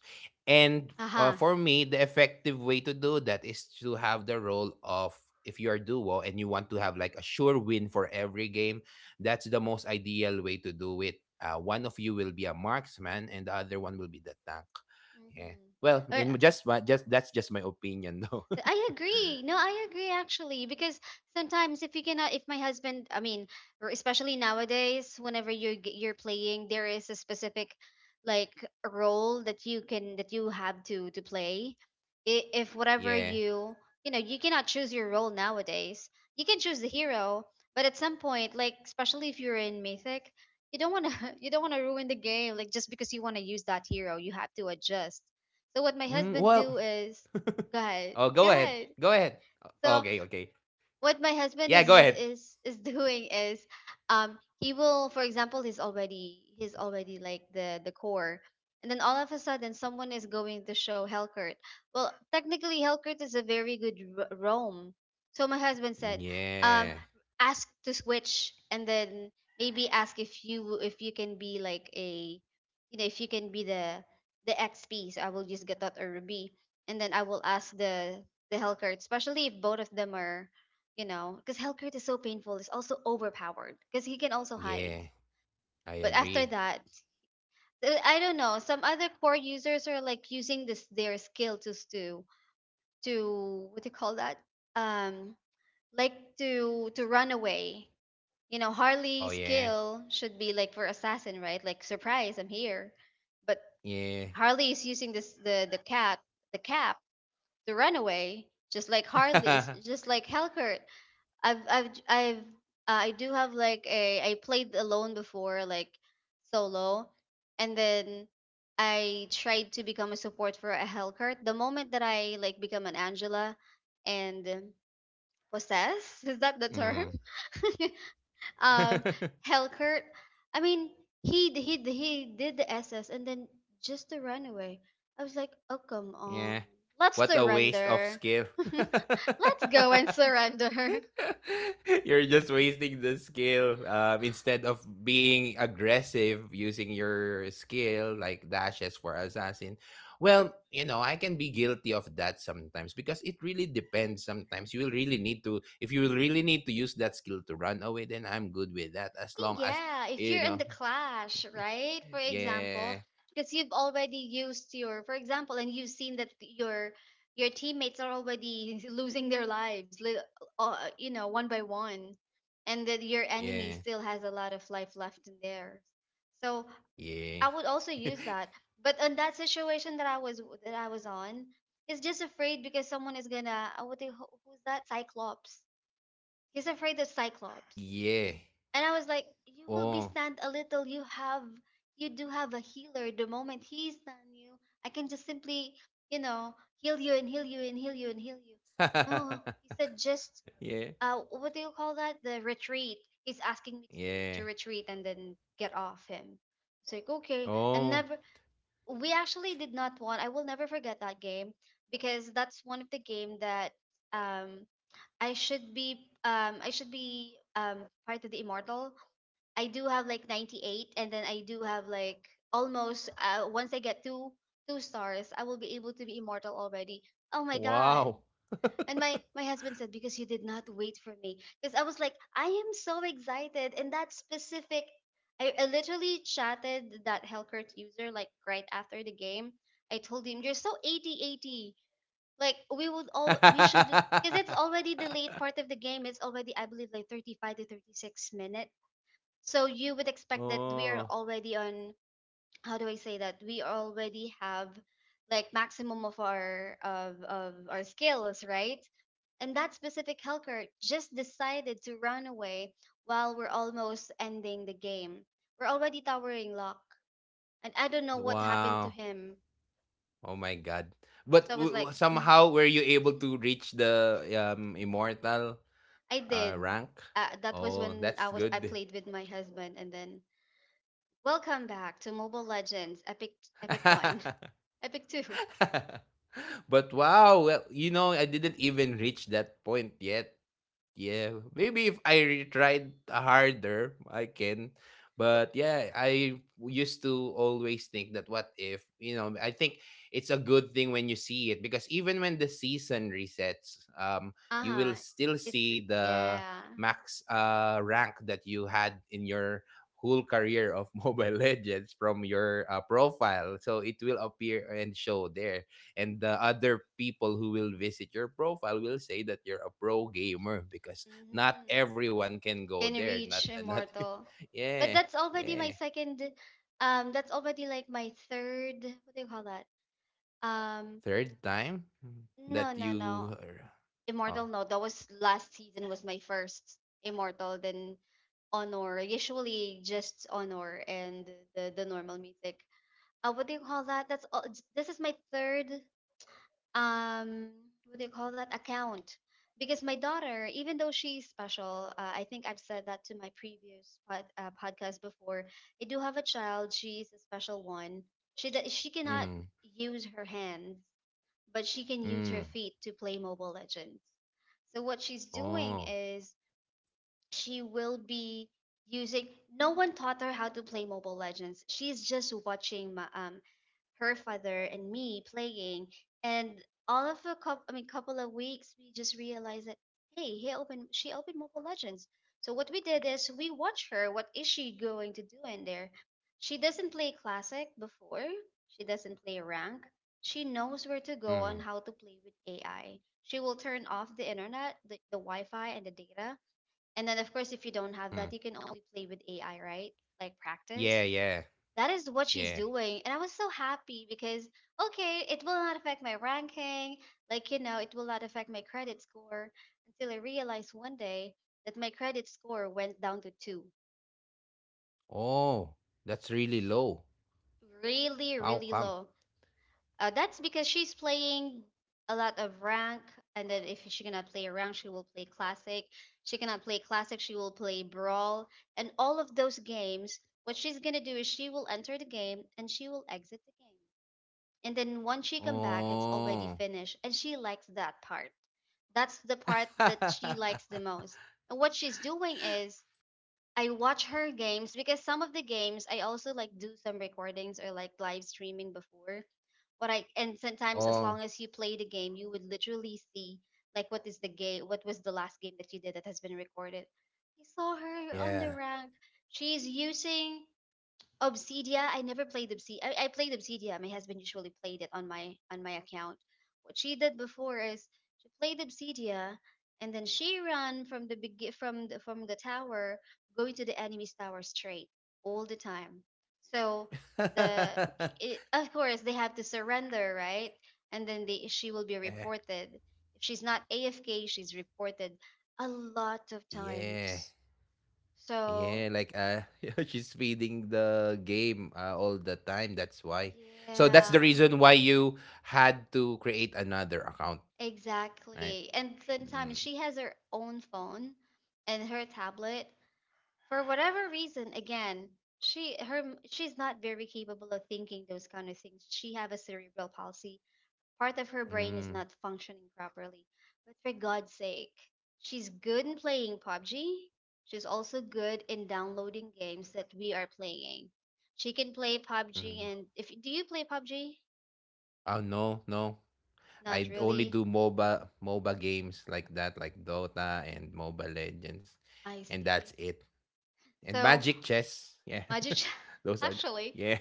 A: And
B: aha,
A: for me, the effective way to do that is to have the role of if you're duo and you want to have like a sure win for every game, that's the most ideal way to do it. One of you will be a marksman and the other one will be the tank. Yeah.
B: mhm.
A: Well,
B: Or
A: in just my just that's just my opinion though. [laughs]
B: I agree. No, I agree actually, because sometimes if you cannot, if my husband, I mean, or especially nowadays, whenever you're playing, there is a specific like role that you can that you have to play. I- If whatever
A: Yeah.
B: you, you know, you cannot choose your role nowadays, you can choose the hero, but at some point, like especially if you're in Mythic, you don't want to [laughs] you don't want to ruin the game like just because you want to use that hero, you have to adjust. So what my
A: Mm,
B: husband
A: well,
B: do is. Go ahead.
A: oh,
B: Go
A: go ahead.
B: ahead.
A: Go ahead.
B: So
A: Okay, okay.
B: what my husband
A: Yeah,
B: is
A: go
B: use
A: ahead.
B: is is [laughs] doing is he will, for example, he's already like the core, and then all of a sudden someone is going to show Helkert. Well, technically Helkert is a very good roam, so my husband said,
A: Yeah.
B: um ask to switch, and then maybe ask if you can be like a, if you can be the XP, so I will use Gatot or Ruby, and then I will ask the Helkert, especially if both of them are, because Hellcrit is so painful. It's also overpowered because he can also hide.
A: Yeah. I
B: But after
A: agree.
B: that, I don't know. Some other core users are like using this their skill to s- to what do you call that? Um, like to run away. You know,
A: Oh
B: Harley's
A: yeah.
B: skill should be like for assassin, right? Like surprise, I'm here. But
A: Yeah.
B: Harley is using this the cat the cap to run away, just like Harley is
A: [laughs]
B: just like Hellcurt. I've j- I've I do have like a I played alone before, like solo, and then I tried to become a support for a Hellcurt. The moment that I like become an Angela, and possess, [laughs] is that the
A: Mm.
B: term? [laughs] um
A: [laughs]
B: Hellcurt. I mean, he did the SS, and then just to run away. I was like, "Oh, come on,
A: Yeah.
B: let's
A: What a waste of
B: surrender."
A: skill.
B: [laughs]
A: [laughs]
B: Let's go and surrender.
A: [laughs] You're just wasting the skill. Instead of being aggressive using your skill like dashes for assassin, well, you know I can be guilty of that sometimes because it really depends. Sometimes you will really need to. If you will really need to use that skill to run away, then I'm good with that. As long as
B: Yeah, if
A: you
B: you're in
A: know,
B: the clash, right? For example,
A: yeah,
B: because you've already used your, for example, and you've seen that your teammates are already [laughs] losing their lives, you know, one by one, and that your enemy
A: yeah,
B: still has a lot of life left in theirs. So
A: yeah,
B: I would also
A: [laughs]
B: use that. But in that situation that I was on, he's just afraid because someone is gonna, what the, who's that? Cyclops. He's afraid of
A: yeah.
B: Cyclops, and I was like, "You will
A: Oh,
B: be stand a little. You do have a healer. The moment he stand you, I can just simply, heal you and heal you and heal you and heal you." No,
A: [laughs]
B: he said, just
A: yeah,
B: what do you call that? The retreat. He's asking me to
A: yeah.
B: retreat and then get off him. It's like okay, and
A: Oh.
B: never. We actually did not want. I will never forget that game because that's one of the game that, um I should be I should be, part of the immortal. I do have like 98, and then I do have like almost, once I get two stars, I will be able to be immortal already. Oh my god.
A: Wow.
B: And my husband said, because you did not wait for me, because I was like, I am so excited, and that specific, I literally chatted that Hellcurt user like right after the game. I told him, you're so 80 eighty. Like, we would all we should, because it's
A: [laughs]
B: already the late part of the game. It's already, I believe, like 35 to 36 minutes, so you would expect that we are
A: oh,
B: already on, how do I say, that we already have like maximum of our of our skills, right? And that specific helker just decided to run away while we're almost ending the game. We're already towering lock, and I don't know what happened to
A: wow.
B: him.
A: Oh my God. But
B: So I was like, mm.
A: somehow, were you able to reach the immortal
B: I did.
A: rank?
B: That was
A: Oh,
B: when
A: that's
B: I
A: good.
B: played with my husband, and then welcome back to Mobile Legends Epic One.
A: [laughs]
B: [laughs] Epic Two.
A: But wow, well, you know, I didn't even reach that point yet. Yeah, maybe if I tried harder, I can. But yeah, I used to always think that what if, you know, I think it's a good thing when you see it because even when the season resets, you will
B: Uh-huh.
A: still
B: It's
A: see the
B: yeah.
A: max rank that you had in your whole career of [laughs] Mobile Legends from your profile. So it will appear and show there, and the other people who will visit your profile will say that you're a pro gamer because not
B: Mm-hmm.
A: everyone can go
B: Can
A: there, not
B: reach
A: not
B: immortal.
A: [laughs]
B: But
A: yeah.
B: that's already my
A: Yeah,
B: second, that's already like my third, what do you call that? Um
A: third time
B: no,
A: that
B: no, no.
A: you
B: Immortal,
A: oh.
B: no. That was last season, was my first immortal, then honor. Usually just honor and the normal mythic. Uh, what do you call that? That's all, this is my third, um what do you call that account, because my daughter, even though she's special, I think I've said that to my previous, podcast before. I do have a child, she's a special one, she cannot
A: Mm.
B: use her hands, but she can use her
A: Mm.
B: feet to play Mobile Legends. So what she's
A: Oh.
B: doing is, she will be using, no one taught her how to play Mobile Legends, she's just watching her father and me playing. And all of a couple, I mean, couple of weeks, we just realized that, hey, he opened she opened Mobile Legends. So what we did is, we watch her, what is she going to do in there. She doesn't play classic before, she doesn't play rank. She knows where to go
A: Mm.
B: on how to play with AI. She will turn off the internet, the wi-fi and the data, and then, of course, if you don't have
A: Mm.
B: that, you can only play with AI, right? Like
A: Yeah,
B: practice.
A: yeah,
B: That is what she's
A: yeah.
B: doing. And I was so happy because, okay, it will not affect my ranking. Like, it will not affect my credit score, until I realized one day that my credit score went down to two.
A: Oh, that's really low.
B: Really,
A: How
B: really
A: come?
B: low. That's because she's playing a lot of rank, and then if she cannot play rank, she will play classic. She cannot play classic, she will play brawl, and all of those games. What she's gonna do is, she will enter the game and she will exit the game, and then once she come back, it's already
A: Oh.
B: finished, and she likes that part. That's the part that she likes the
A: [laughs]
B: most. And what she's doing is, I watch her games because some of the games I also like do some recordings or like live streaming before, what I and sometimes as
A: Oh
B: long as you play the game, you would literally see like what is the game, what was the last game that you did that has been recorded. I saw her on
A: yeah.
B: the rank. She's using Obsidia, I never played Obsidia. I played Obsidia. My husband usually played it on my account. What she did before is, she played Obsidia, and then she ran from the tower, going to the enemy's tower straight all the time. So the
A: [laughs]
B: it, of course, they have to surrender, right? And then they she will be
A: Yeah,
B: reported. If she's not AFK, she's reported a lot of
A: yeah.
B: times.
A: Yeah,
B: So
A: like [laughs] she's feeding the game all the time. That's why. So that's the
B: yeah.
A: reason why you had to create another account, right?
B: Exactly. And sometimes
A: Mm,
B: she has her own phone and her tablet. For whatever reason, again, she her she's not very capable of thinking those kind of things. She have a cerebral palsy. Part of her brain is
A: mm,
B: not functioning properly. But for God's sake, she's good in playing PUBG. She's also good in downloading games that we are playing. She can play PUBG,
A: mm.
B: and if, do you play PUBG?
A: Oh no, no.
B: Not
A: I only
B: really.
A: do MOBA games like that, like Dota and Mobile Legends,
B: I
A: and that's
B: see.
A: it. And
B: So
A: Magic Chess, yeah.
B: Magic.
A: [laughs]
B: [laughs]
A: Those are
B: Actually,
A: yeah.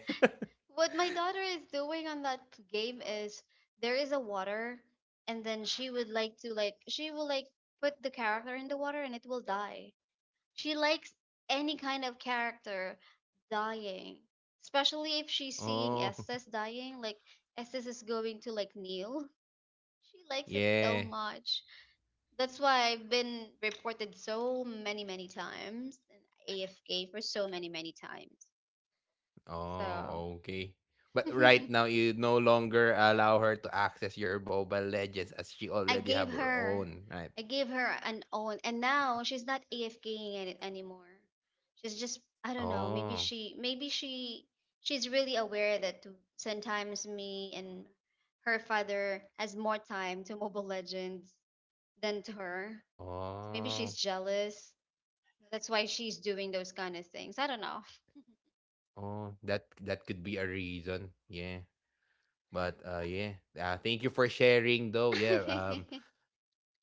B: what my daughter is doing on that game is, there is a water, and then she would like to like she will like put the character in the water and it will die. She likes any kind of character dying, especially if she's seeing
A: [laughs] Oh
B: Estes dying. Like Estes is going to like kneel. [laughs] She likes it so
A: yeah.
B: much. That's why I've been reported so many, many times, and AFK for so many, many times. So.
A: Oh, okay. But right
B: [laughs]
A: now, you no longer allow her to access your Mobile Legends as she
B: I
A: already have
B: gave
A: her
B: her
A: own, right?
B: I gave her an own, and now she's not AFKing at it anymore. She's just, I don't know, maybe
A: Oh,
B: she's really aware that sometimes me and her father has more time to Mobile Legends than to her. So maybe
A: oh,
B: she's jealous. That's why she's doing those kind of things. I don't know.
A: oh. That could be a reason. Yeah. But yeah. Thank you for sharing, though.
B: [laughs]
A: Yeah.
B: Hmm.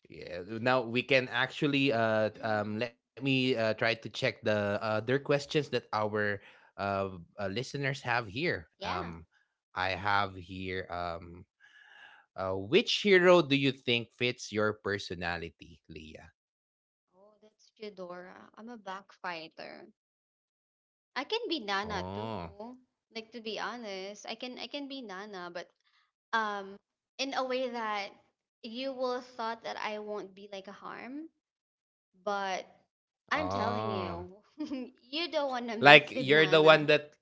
A: Yeah. Now we can actually let me try to check the other questions that our uh, listeners have here.
B: Yeah.
A: I have here um. Which hero do you think fits your personality, Leah?
B: Oh, that's Eudora. I'm a backfighter. I can be Nana
A: Oh,
B: too. Like, to be honest, I can be Nana, but um in a way that you will thought that I won't be like a harm, but I'm telling
A: oh.
B: you, [laughs] you don't want to mess
A: Like,
B: with
A: you're the
B: Nana.
A: one that.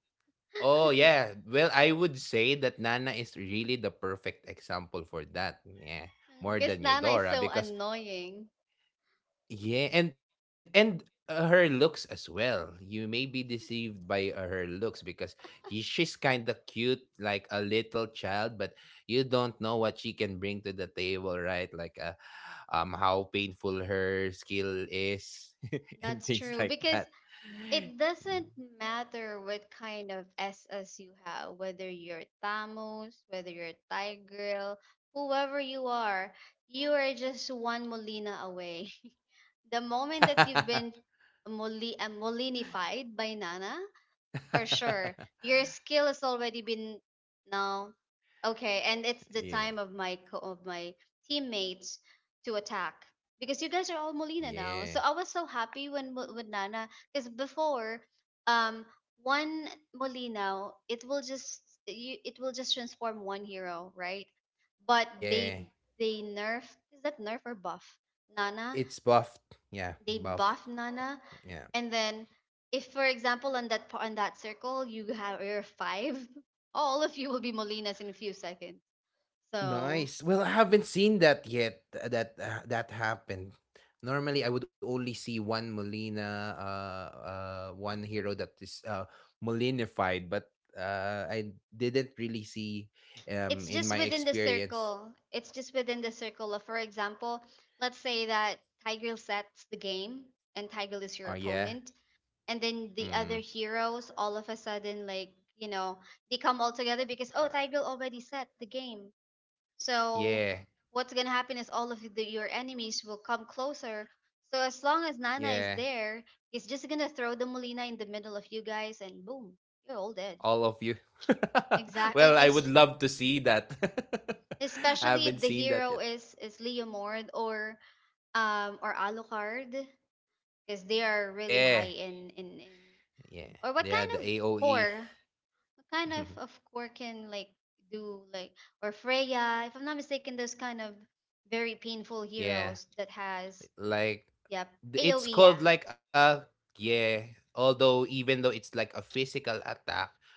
A: Oh
B: [laughs]
A: yeah. Well, I would say that Nana is really the perfect example for that. Yeah.
B: Because
A: More
B: Nana is
A: than
B: so
A: Eudora because
B: annoying.
A: yeah, and her looks as well. You may be deceived by her looks because she's kind of cute, like a little child, but you don't know what she can bring to the table, right? Like how painful her skill is,
B: That's
A: [laughs] and
B: true
A: things
B: because
A: like that.
B: it doesn't
A: Mm.
B: matter what kind of SS you have, whether you're Tamus, whether you're Tigreal, whoever you are just one Molina away. [laughs] The moment that you've been, Molinified by Nana, for sure. Your skill has already been, now, okay, and it's the
A: [laughs]
B: time
A: Yeah,
B: of my teammates to attack, because you guys are all Molina now. So I
A: yeah,
B: was so happy when, with Nana, because before, um one Molina it will just transform one hero, right? But they
A: yeah.
B: they nerf, is that nerf or buff? Nana,
A: It's buffed. Yeah,
B: they
A: buffed.
B: buff Nana,
A: Yeah.
B: and then if, for example, on that circle, you have your five, [laughs] all of you will be Molinas in a few seconds. So
A: Nice. Well, I haven't seen that yet. That that happened. Normally, I would only see one Molina, one hero that is Molinified, but I didn't really see
B: it's
A: in
B: just
A: my
B: within the
A: experience.
B: circle. It's just within the circle of, for example, let's say that Tiger sets the game and Tiger
A: Oh
B: is your
A: yeah,
B: opponent, and then the
A: mm,
B: other heroes all of a sudden, like, you know, they come all together because oh,
A: uh,
B: Tiger already set the game. So
A: yeah,
B: what's gonna happen is all of the, your enemies will come closer. So as long as Nana is
A: yeah.
B: there, he's just gonna throw the Molina in the middle of you guys, and boom, you're all dead.
A: All of you. [laughs]
B: Exactly, and
A: Well, I would love to see that. [laughs] I
B: especially if
A: haven't
B: the
A: seen that
B: hero
A: yet.
B: is Leomord or Alucard, because they are really
A: Yeah,
B: high in, in
A: yeah,
B: or what
A: yeah.
B: kind
A: The
B: of
A: AOE.
B: core, what
A: [laughs]
B: kind of core can like do like, or Freya, if I'm not mistaken, those kind of very painful
A: Yeah.
B: heroes that has.
A: Like
B: Yep.
A: it's
B: AOE, yeah.
A: called like a yeah. Although even though it's like a physical attack,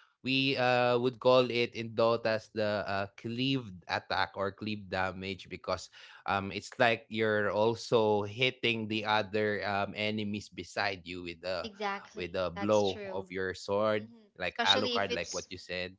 A: we would call it in Dota's the cleaved attack or cleaved damage because it's like you're also hitting the other enemies beside you with a
B: Exactly. That's
A: blow of
B: true.
A: your sword,
B: Hmm.
A: like
B: Especially if
A: Alucard, like what
B: it's,
A: you said.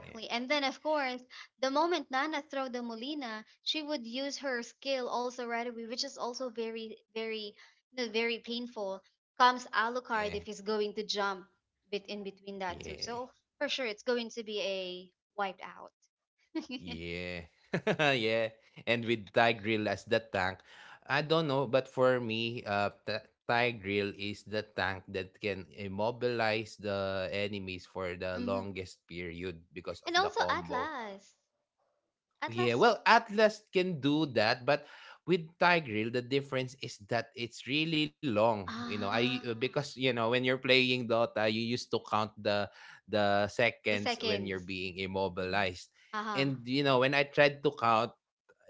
A: Yeah,
B: And then, of course, the moment Nana throw the Molina, she would use her skill also right away, which is also very, very, you know, very painful. Comes Alucard
A: yeah,
B: if he's going to jump bit in between that too.
A: yeah.
B: So for sure, it's going to be a wiped out. [laughs]
A: Yeah. [laughs] Yeah. And with Thai grill as the tank, I don't know, but for me, Thai grill is the tank that can immobilize the enemies for the
B: hmm.
A: longest period because of
B: And
A: the
B: also
A: combo.
B: Atlas.
A: Yeah,
B: Atlas
A: well,
B: too.
A: Atlas can do that, but with Tigreal, the difference is that it's really long. You know, I
B: Ah,
A: because you know when you're playing Dota, you used to count the
B: the
A: seconds when you're
B: seconds.
A: being immobilized,
B: Uh-huh.
A: and you know when I tried to count,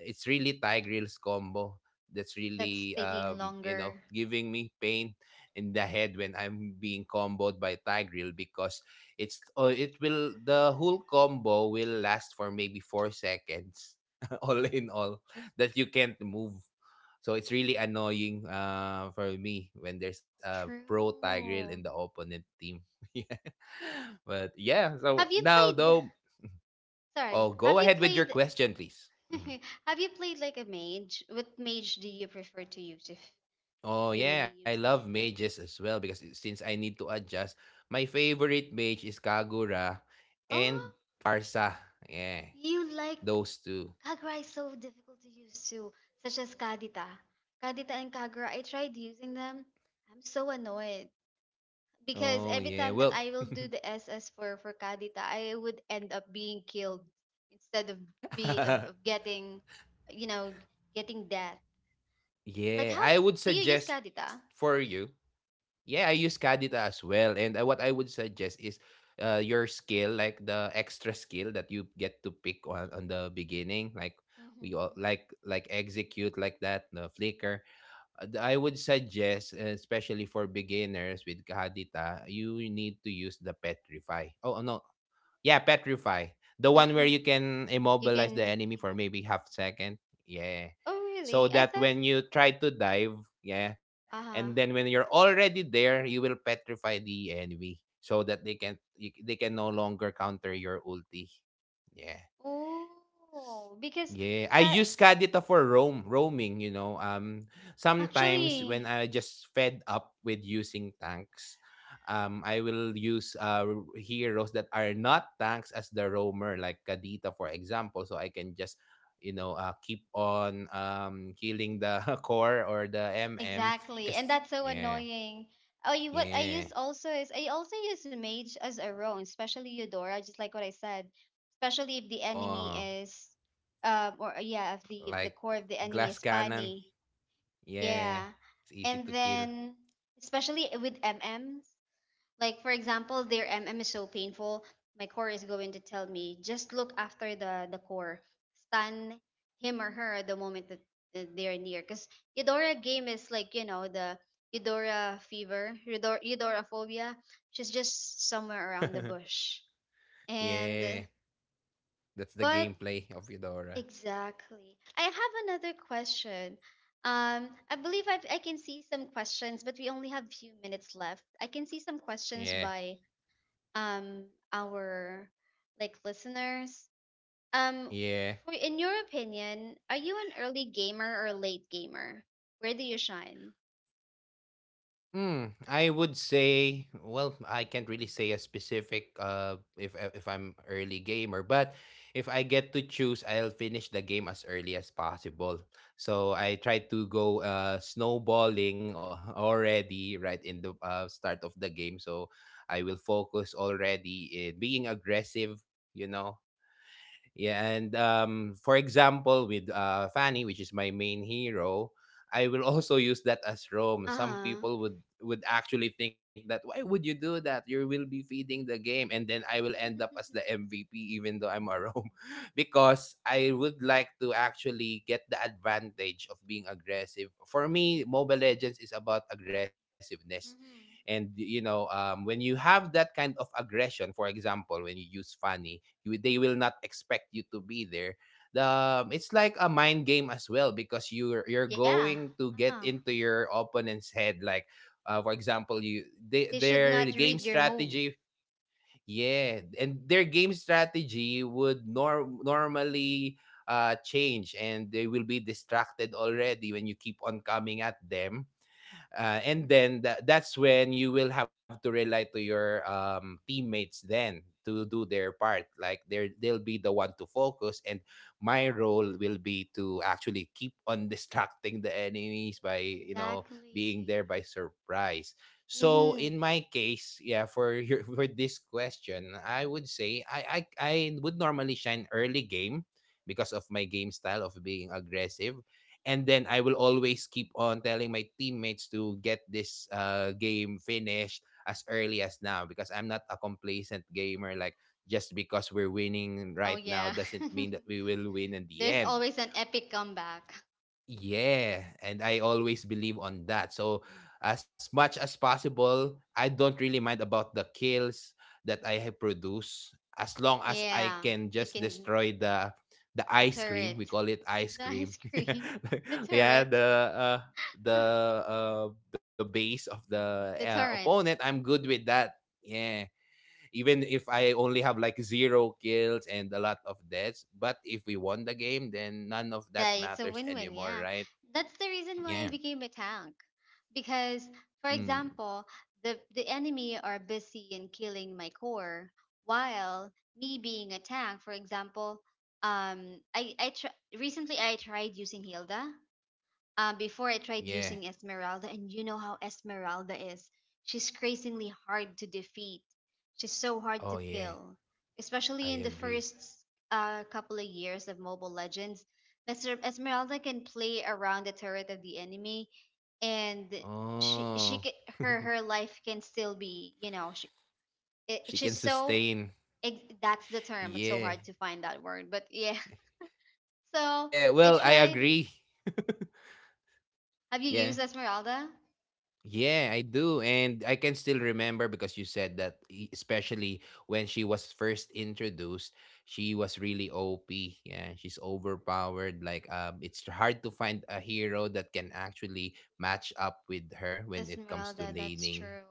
A: it's really Thai grills combo that's
B: That's
A: really
B: taking
A: you know
B: longer.
A: giving me pain in the head when I'm being comboed by Thai grill because it's it will the whole combo will last for maybe 4 seconds [laughs] all in all that you can't move. So it's really annoying for me when there's a pro Thai grill in the
B: True.
A: opponent team. [laughs] Yeah. But yeah, so
B: Have you
A: now
B: played?
A: though,
B: Sorry.
A: oh go
B: Have you
A: ahead with your
B: played?
A: question, please. Mm-hmm.
B: [laughs] have you played like a mage? What mage do you prefer to use if
A: Oh
B: you will be
A: yeah, I love
B: using it?
A: mages as well because since I need to adjust, my favorite mage is Kagura
B: Oh,
A: and Parsa. Yeah,
B: you like.
A: those two.
B: Kagura is so difficult to use too, such as Kadita. Kadita and Kagura. I tried using them. I'm so annoyed, because
A: Oh
B: every
A: yeah.
B: time that
A: Well,
B: I will do the SS for Kadita, I would end up being killed instead of
A: [laughs]
B: getting, you know, getting death. Like,
A: yeah,
B: how
A: I would
B: do you use
A: suggest for
B: Kadita?
A: you. Yeah, I use Kadita as well, and what I would suggest is your skill, like the extra skill that you get to pick on the beginning, like we all
B: Mm-hmm.
A: like execute like that the flicker. I would suggest, especially for beginners with Kahadita, you need to use the Petrify. Oh, no. Yeah, Petrify. The one where
B: Mm-hmm.
A: you can
B: You
A: immobilize the
B: can.
A: enemy for maybe half second. Yeah.
B: Oh
A: So
B: really? I
A: that
B: thought.
A: when you try to dive, yeah, and
B: Ah.
A: then when you're already there, you will petrify the enemy so that they can no longer counter your ulti. Yeah.
B: Oh, because
A: Yeah, I
B: ka-
A: use Kadita for roaming, you know. Sometimes when
B: actually.
A: I just fed up with using tanks, I will use heroes that are not tanks as the roamer, like Kadita for example, so I can just keep on killing the [laughs] core or the MM
B: Exactly, and
A: because
B: that's so
A: yeah.
B: annoying. Oh, you, what I
A: Yeah.
B: use also is, I also use mage as a roam, especially Eudora, just like what I said. Especially if the enemy
A: Oh,
B: is, or yeah, if the
A: like
B: core of the enemy
A: glass
B: is
A: cannon.
B: funny,
A: Yeah.
B: yeah,
A: It's easy
B: and
A: to kill.
B: then especially with MMs. Like for example, their MM is so painful. My core is going to tell me just look after the core, stun him or her the moment that they're near. Because Eudora game is like, you know, the Eudora fever, Eudora, Eudora phobia. She's just somewhere around the bush.
A: [laughs]
B: And
A: Yeah. That's the
B: but
A: gameplay of Eudora.
B: exactly, I have another question. I believe I can see some questions, but we only have few minutes left. I can see some questions
A: Yeah.
B: by um our like listeners. Um,
A: Yeah.
B: for in your opinion, are you an early gamer or late gamer? Where do you shine?
A: Hmm. I would say, well, I can't really say a specific uh, if I'm early gamer, but if I get to choose, I'll finish the game as early as possible. So I try to go snowballing already right in the start of the game. So I will focus already in being aggressive, you know. Yeah, and for example, with Fanny, which is my main hero, I will [laughs] also use that as Rome. Some
B: Uh-huh.
A: people would actually think that why would you do that? You will be feeding the game, and then I will end up as the
B: [laughs]
A: MVP, even though I'm a Rome, [laughs] because I would like to actually get the advantage of being aggressive. For me, Mobile Legends is about aggressiveness.
B: hmm.
A: And you know, when you have that kind of aggression, for example, when you use Fanny, you they will not expect you to be there the it's like a mind game as well because you're
B: Yeah.
A: going to get
B: Uh-huh.
A: into your opponent's head like for example you they,
B: They should
A: their
B: not
A: game
B: read your move.
A: strategy, yeah, and their game strategy would normally change, and they will be distracted already when you keep on coming at them, and then that's when you will have to rely to your teammates then to do their part. Like they'll be the one to focus, and my role will be to actually keep on [laughs] distracting the enemies by you know being there
B: Exactly.
A: by surprise. So
B: Mm-hmm.
A: in my case, yeah, for your, [laughs] for this question, I would say I would normally shine early game because of my game style of being aggressive, and then I will always keep on telling my teammates to get this game finished as early as now because I'm not a complacent gamer. Like, just because we're winning
B: Oh
A: right
B: yeah.
A: now doesn't
B: [laughs]
A: mean that we will win in the
B: There's
A: end.
B: always an epic comeback.
A: Yeah, and I always believe on that. So as much as possible, I don't really mind about the kills that I have produced, as long as I
B: Yeah,
A: can
B: you
A: just
B: can
A: destroy the
B: the
A: ice cream. We
B: turret,
A: call it
B: [laughs]
A: ice
B: the
A: cream.
B: ice cream, [laughs] the
A: [laughs] Yeah,
B: turret,
A: uh, the uh, the base of the
B: the torrent.
A: opponent. I'm good with that. Yeah. Even if I only have like zero kills and a lot of deaths, but if we won the game, then none of
B: Yeah,
A: that
B: it's a
A: matters
B: win-win.
A: anymore,
B: Yeah,
A: right?
B: that's the reason why I
A: Yeah.
B: became a tank, because for
A: Mm.
B: example, the enemy are busy in killing my core, while me being a tank, for example, recently I tried using Hilda. Um, before I tried
A: Yeah.
B: using Esmeralda, and you know how Esmeralda is. She's crazingly hard to defeat. She's so hard to
A: Oh, yeah.
B: kill, especially
A: I
B: in the
A: agree.
B: first couple of years of Mobile Legends. Mr. Esmeralda can play around the turret of the enemy, and
A: Oh,
B: she ca her
A: [laughs]
B: her life can still be, you know,
A: she can
B: she's so
A: sustain.
B: that's the term. It's so
A: Yeah.
B: hard to find that word, but yeah. [laughs] So
A: Yeah.
B: I
A: Well, I
B: tried.
A: agree.
B: Have you
A: Yeah.
B: used Esmeralda?
A: Yeah, I do. And I can still remember because you said that, especially when she was first introduced, she was really OP. Yeah. She's overpowered. Like, it's hard to find a hero that can actually match up with her when it comes to
B: Esmeralda, that's
A: laning.
B: true.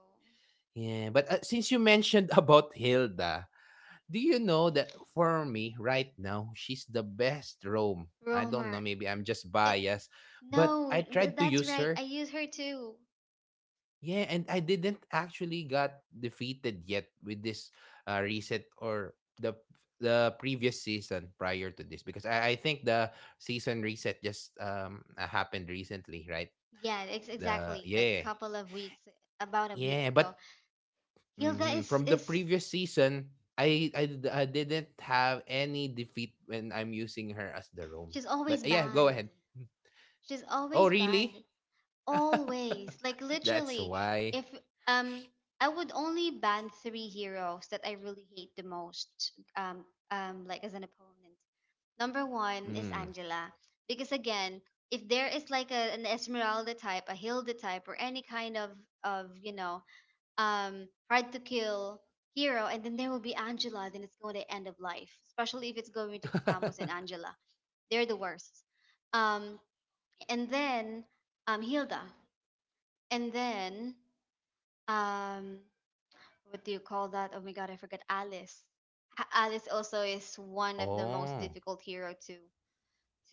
A: Yeah, but since you mentioned [laughs] about Hilda, do you know that for me right now, she's the best Rome? I don't know,
B: Romer,
A: maybe I'm just
B: it.
A: biased, but
B: No,
A: I tried to
B: that's
A: use
B: right.
A: her.
B: I use her too.
A: Yeah, and I didn't actually got defeated yet with this reset, or the the previous season prior to this, because I think the season reset just happened recently, right?
B: Yeah, ex
A: The
B: exactly. Like a
A: yeah.
B: couple of weeks, about a week
A: Yeah,
B: ago.
A: but
B: Hilda
A: mhm.
B: is
A: From the
B: is
A: previous season, I didn't have any defeat when I'm using her as the roam.
B: she's always
A: But yeah, go
B: banned.
A: ahead.
B: She's
A: Oh,
B: always
A: really?
B: banned.
A: [laughs]
B: Always. Like
A: That's
B: literally,
A: why.
B: if um I would only ban three heroes that I really hate the most. Like as an opponent. Number one is
A: Mm.
B: Angela. Because again, if there is like a, an Esmeralda type, a Hilda type, or any kind of you know, hard to kill hero, and then there will be Angela, then it's going to end of life. Especially if it's going to be Tamus and
A: [laughs]
B: Angela. They're the worst. Um, and then Hilda. And then, um, what do you call that? Oh my God, I forgot Alice. Alice also is one of the most
A: Oh,
B: difficult hero to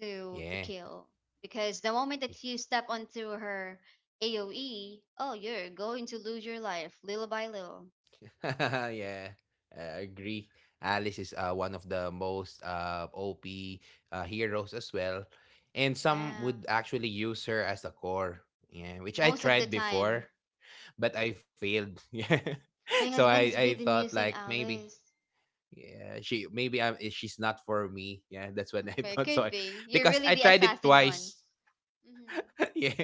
B: to
A: yeah.
B: kill because the moment that you step onto her AOE, oh, you're going to lose your life little by little.
A: [laughs] Yeah, I agree. Alice is one of the most OP heroes as well. And some
B: Yeah,
A: would actually use her as the core. Yeah, which I
B: most of the
A: tried before,
B: time,
A: but I failed. [laughs] Yeah.
B: my
A: So I
B: husband
A: I
B: is good
A: thought
B: in
A: like
B: using
A: maybe
B: Alice.
A: yeah she maybe I'm she's not for me. Yeah, that's what
B: [laughs]
A: I [laughs]
B: It
A: thought. So
B: could
A: I,
B: be you're
A: because
B: really
A: I
B: the
A: tried it
B: assassin one.
A: twice.
B: Hmm.
A: [laughs] Yeah,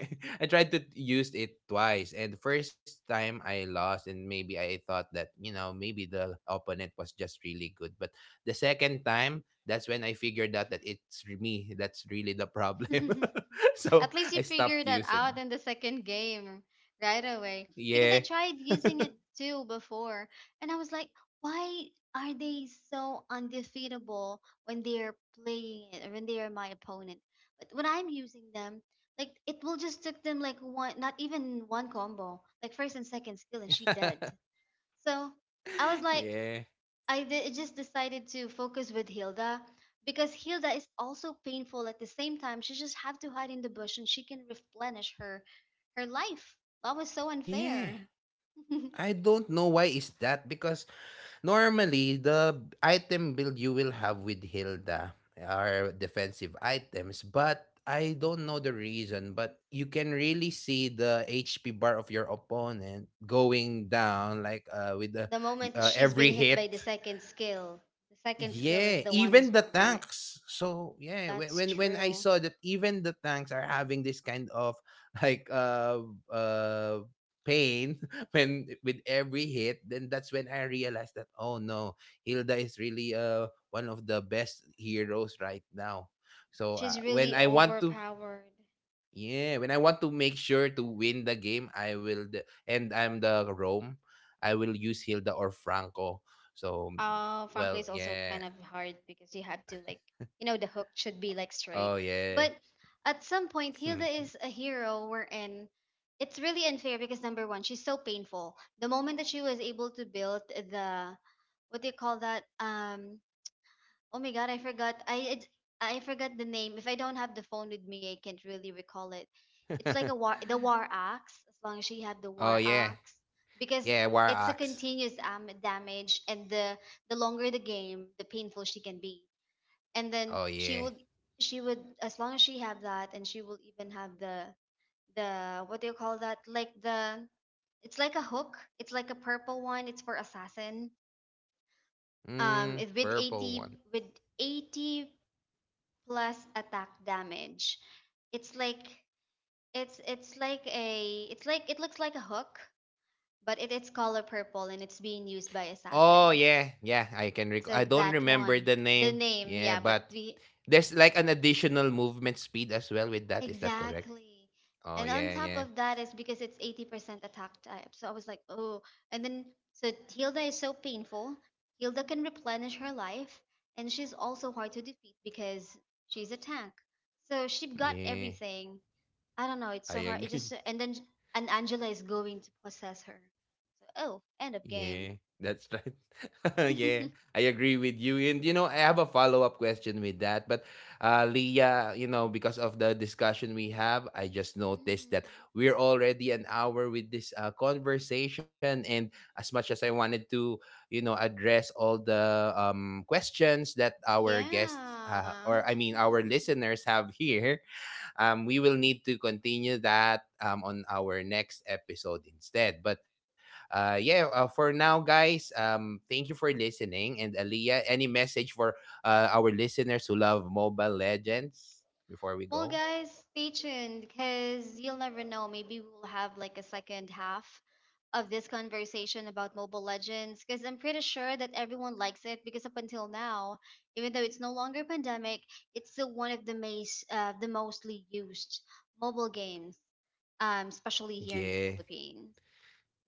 A: I tried to use it twice, and the first time I lost, and maybe I thought that you know maybe the opponent was just really good, but the second time that's when I figured out that it's me that's really the problem. [laughs]
B: [laughs] At
A: So
B: least you
A: I
B: figured
A: stopped
B: that
A: using
B: out
A: her.
B: in the second game right
A: [laughs]
B: away.
A: Yeah.
B: Because I tried using it too before, and I was like, why are they so undefeatable when they're playing it or when they are my opponent? But when I'm using them, like it will just took them like one, not even one combo, like first and second skill, and she dead.
A: [laughs]
B: So I was like,
A: Yeah.
B: just decided to focus with Hilda because Hilda is also painful at the same time. She just have to hide in the bush and she can replenish her life. That was so
A: Yeah.
B: unfair. [laughs] the
A: I don't know why is that, because normally the item build you will have with Hilda are defensive items, but I don't know the reason, but you can really see the HP bar of your opponent going down like with the,
B: moment she's been
A: every
B: hit by
A: hit.
B: the second skill is
A: Yeah,
B: the one is
A: even the
B: doing it.
A: tanks. So yeah, whe-
B: That's
A: when when I
B: true.
A: saw that even the tanks are having this kind of [laughs] like uh pain [laughs] when with every hit, then that's when I realized that oh no, Hilda is really one of the best heroes right now. So
B: She's
A: when
B: really
A: I want to
B: overpowered.
A: yeah, when I want to make sure to win the game, I will and I'm the Rome, I will use Hilda or Franco. So
B: Franco
A: well,
B: is also
A: yeah.
B: kind of hard because you have to like, you know, the hook should be like straight.
A: Oh yeah.
B: But at some point, Hilda is a hero wherein it's really unfair because number one, she's so painful. The moment that she was able to build the, what do you call that? Oh my god, I forgot. I forgot the name. If I don't have the phone with me, I can't really recall it. It's like
A: [laughs]
B: a war, the war axe. As long as you have the
A: Oh
B: war
A: yeah.
B: axe, because
A: Yeah, war
B: it's a
A: axe.
B: continuous damage, and the longer the game, the painful she can be. And then
A: Oh yeah.
B: she would as long as she have that, and she will even have the what do you call that? Like the it's like a hook. It's like a purple one. It's for assassin.
A: Mm,
B: It with
A: purple
B: 80
A: one.
B: with 80 plus attack damage. It's like it's like a it looks like a hook, but it's color purple and it's being used by
A: Oh
B: assassin.
A: yeah. Yeah, I can recall.
B: So
A: I don't
B: that
A: remember
B: one,
A: the
B: the
A: name.
B: name,
A: Yeah,
B: yeah, but
A: but
B: we
A: there's like an additional movement speed as well with that. Is that correct?
B: exactly.
A: Oh
B: And on
A: yeah,
B: top
A: yeah.
B: of that is because it's 80% attack type. So I was like, oh, and then so Hilda is so painful. Hilda can replenish her life, and she's also hard to defeat because she's a tank. So she got
A: Yeah.
B: everything. I don't know. It's so
A: I
B: hard. It
A: [laughs]
B: just
A: agree.
B: and then and Angela is going to possess her. So oh, end of
A: Yeah,
B: game. [laughs]
A: that's right. [laughs] Yeah, I agree with you. And you know, I have a follow up question with that. But Leah, you know, because of the discussion we have, I just noticed that
B: Mhm.
A: we're already an hour with this conversation. And as much as I wanted to, you know, address all the questions that our guests,
B: Yeah.
A: or I mean, our listeners have here, we will need to continue that on our next episode instead. But yeah, for now, guys, thank you for listening. And Aliyah, any message for our listeners who love Mobile Legends before we
B: [laughs] well,
A: go?
B: guys, stay tuned because you'll never know. Maybe we'll have like a second half of this conversation about Mobile Legends because I'm pretty sure that everyone likes it because up until now, even though it's no longer pandemic, it's still one of the most the mostly used mobile games, especially here in the
A: Yeah.
B: Philippines.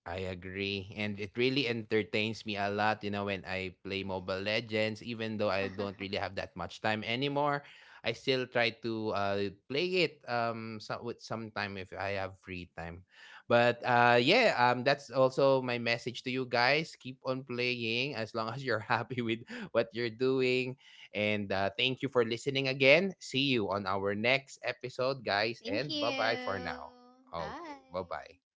A: I agree. And it really entertains me a lot, you know, when I play Mobile Legends, even though I don't really
B: [laughs]
A: have that much time anymore. I still try to play it so, with sometime if I have free time. But that's also my message to you guys. Keep on playing as long as you're [laughs] happy with what you're doing. And thank you for listening again. See you on our next episode, guys, and
B: Thank
A: bye-bye for
B: you.
A: now.
B: Bye.
A: Okay, bye-bye.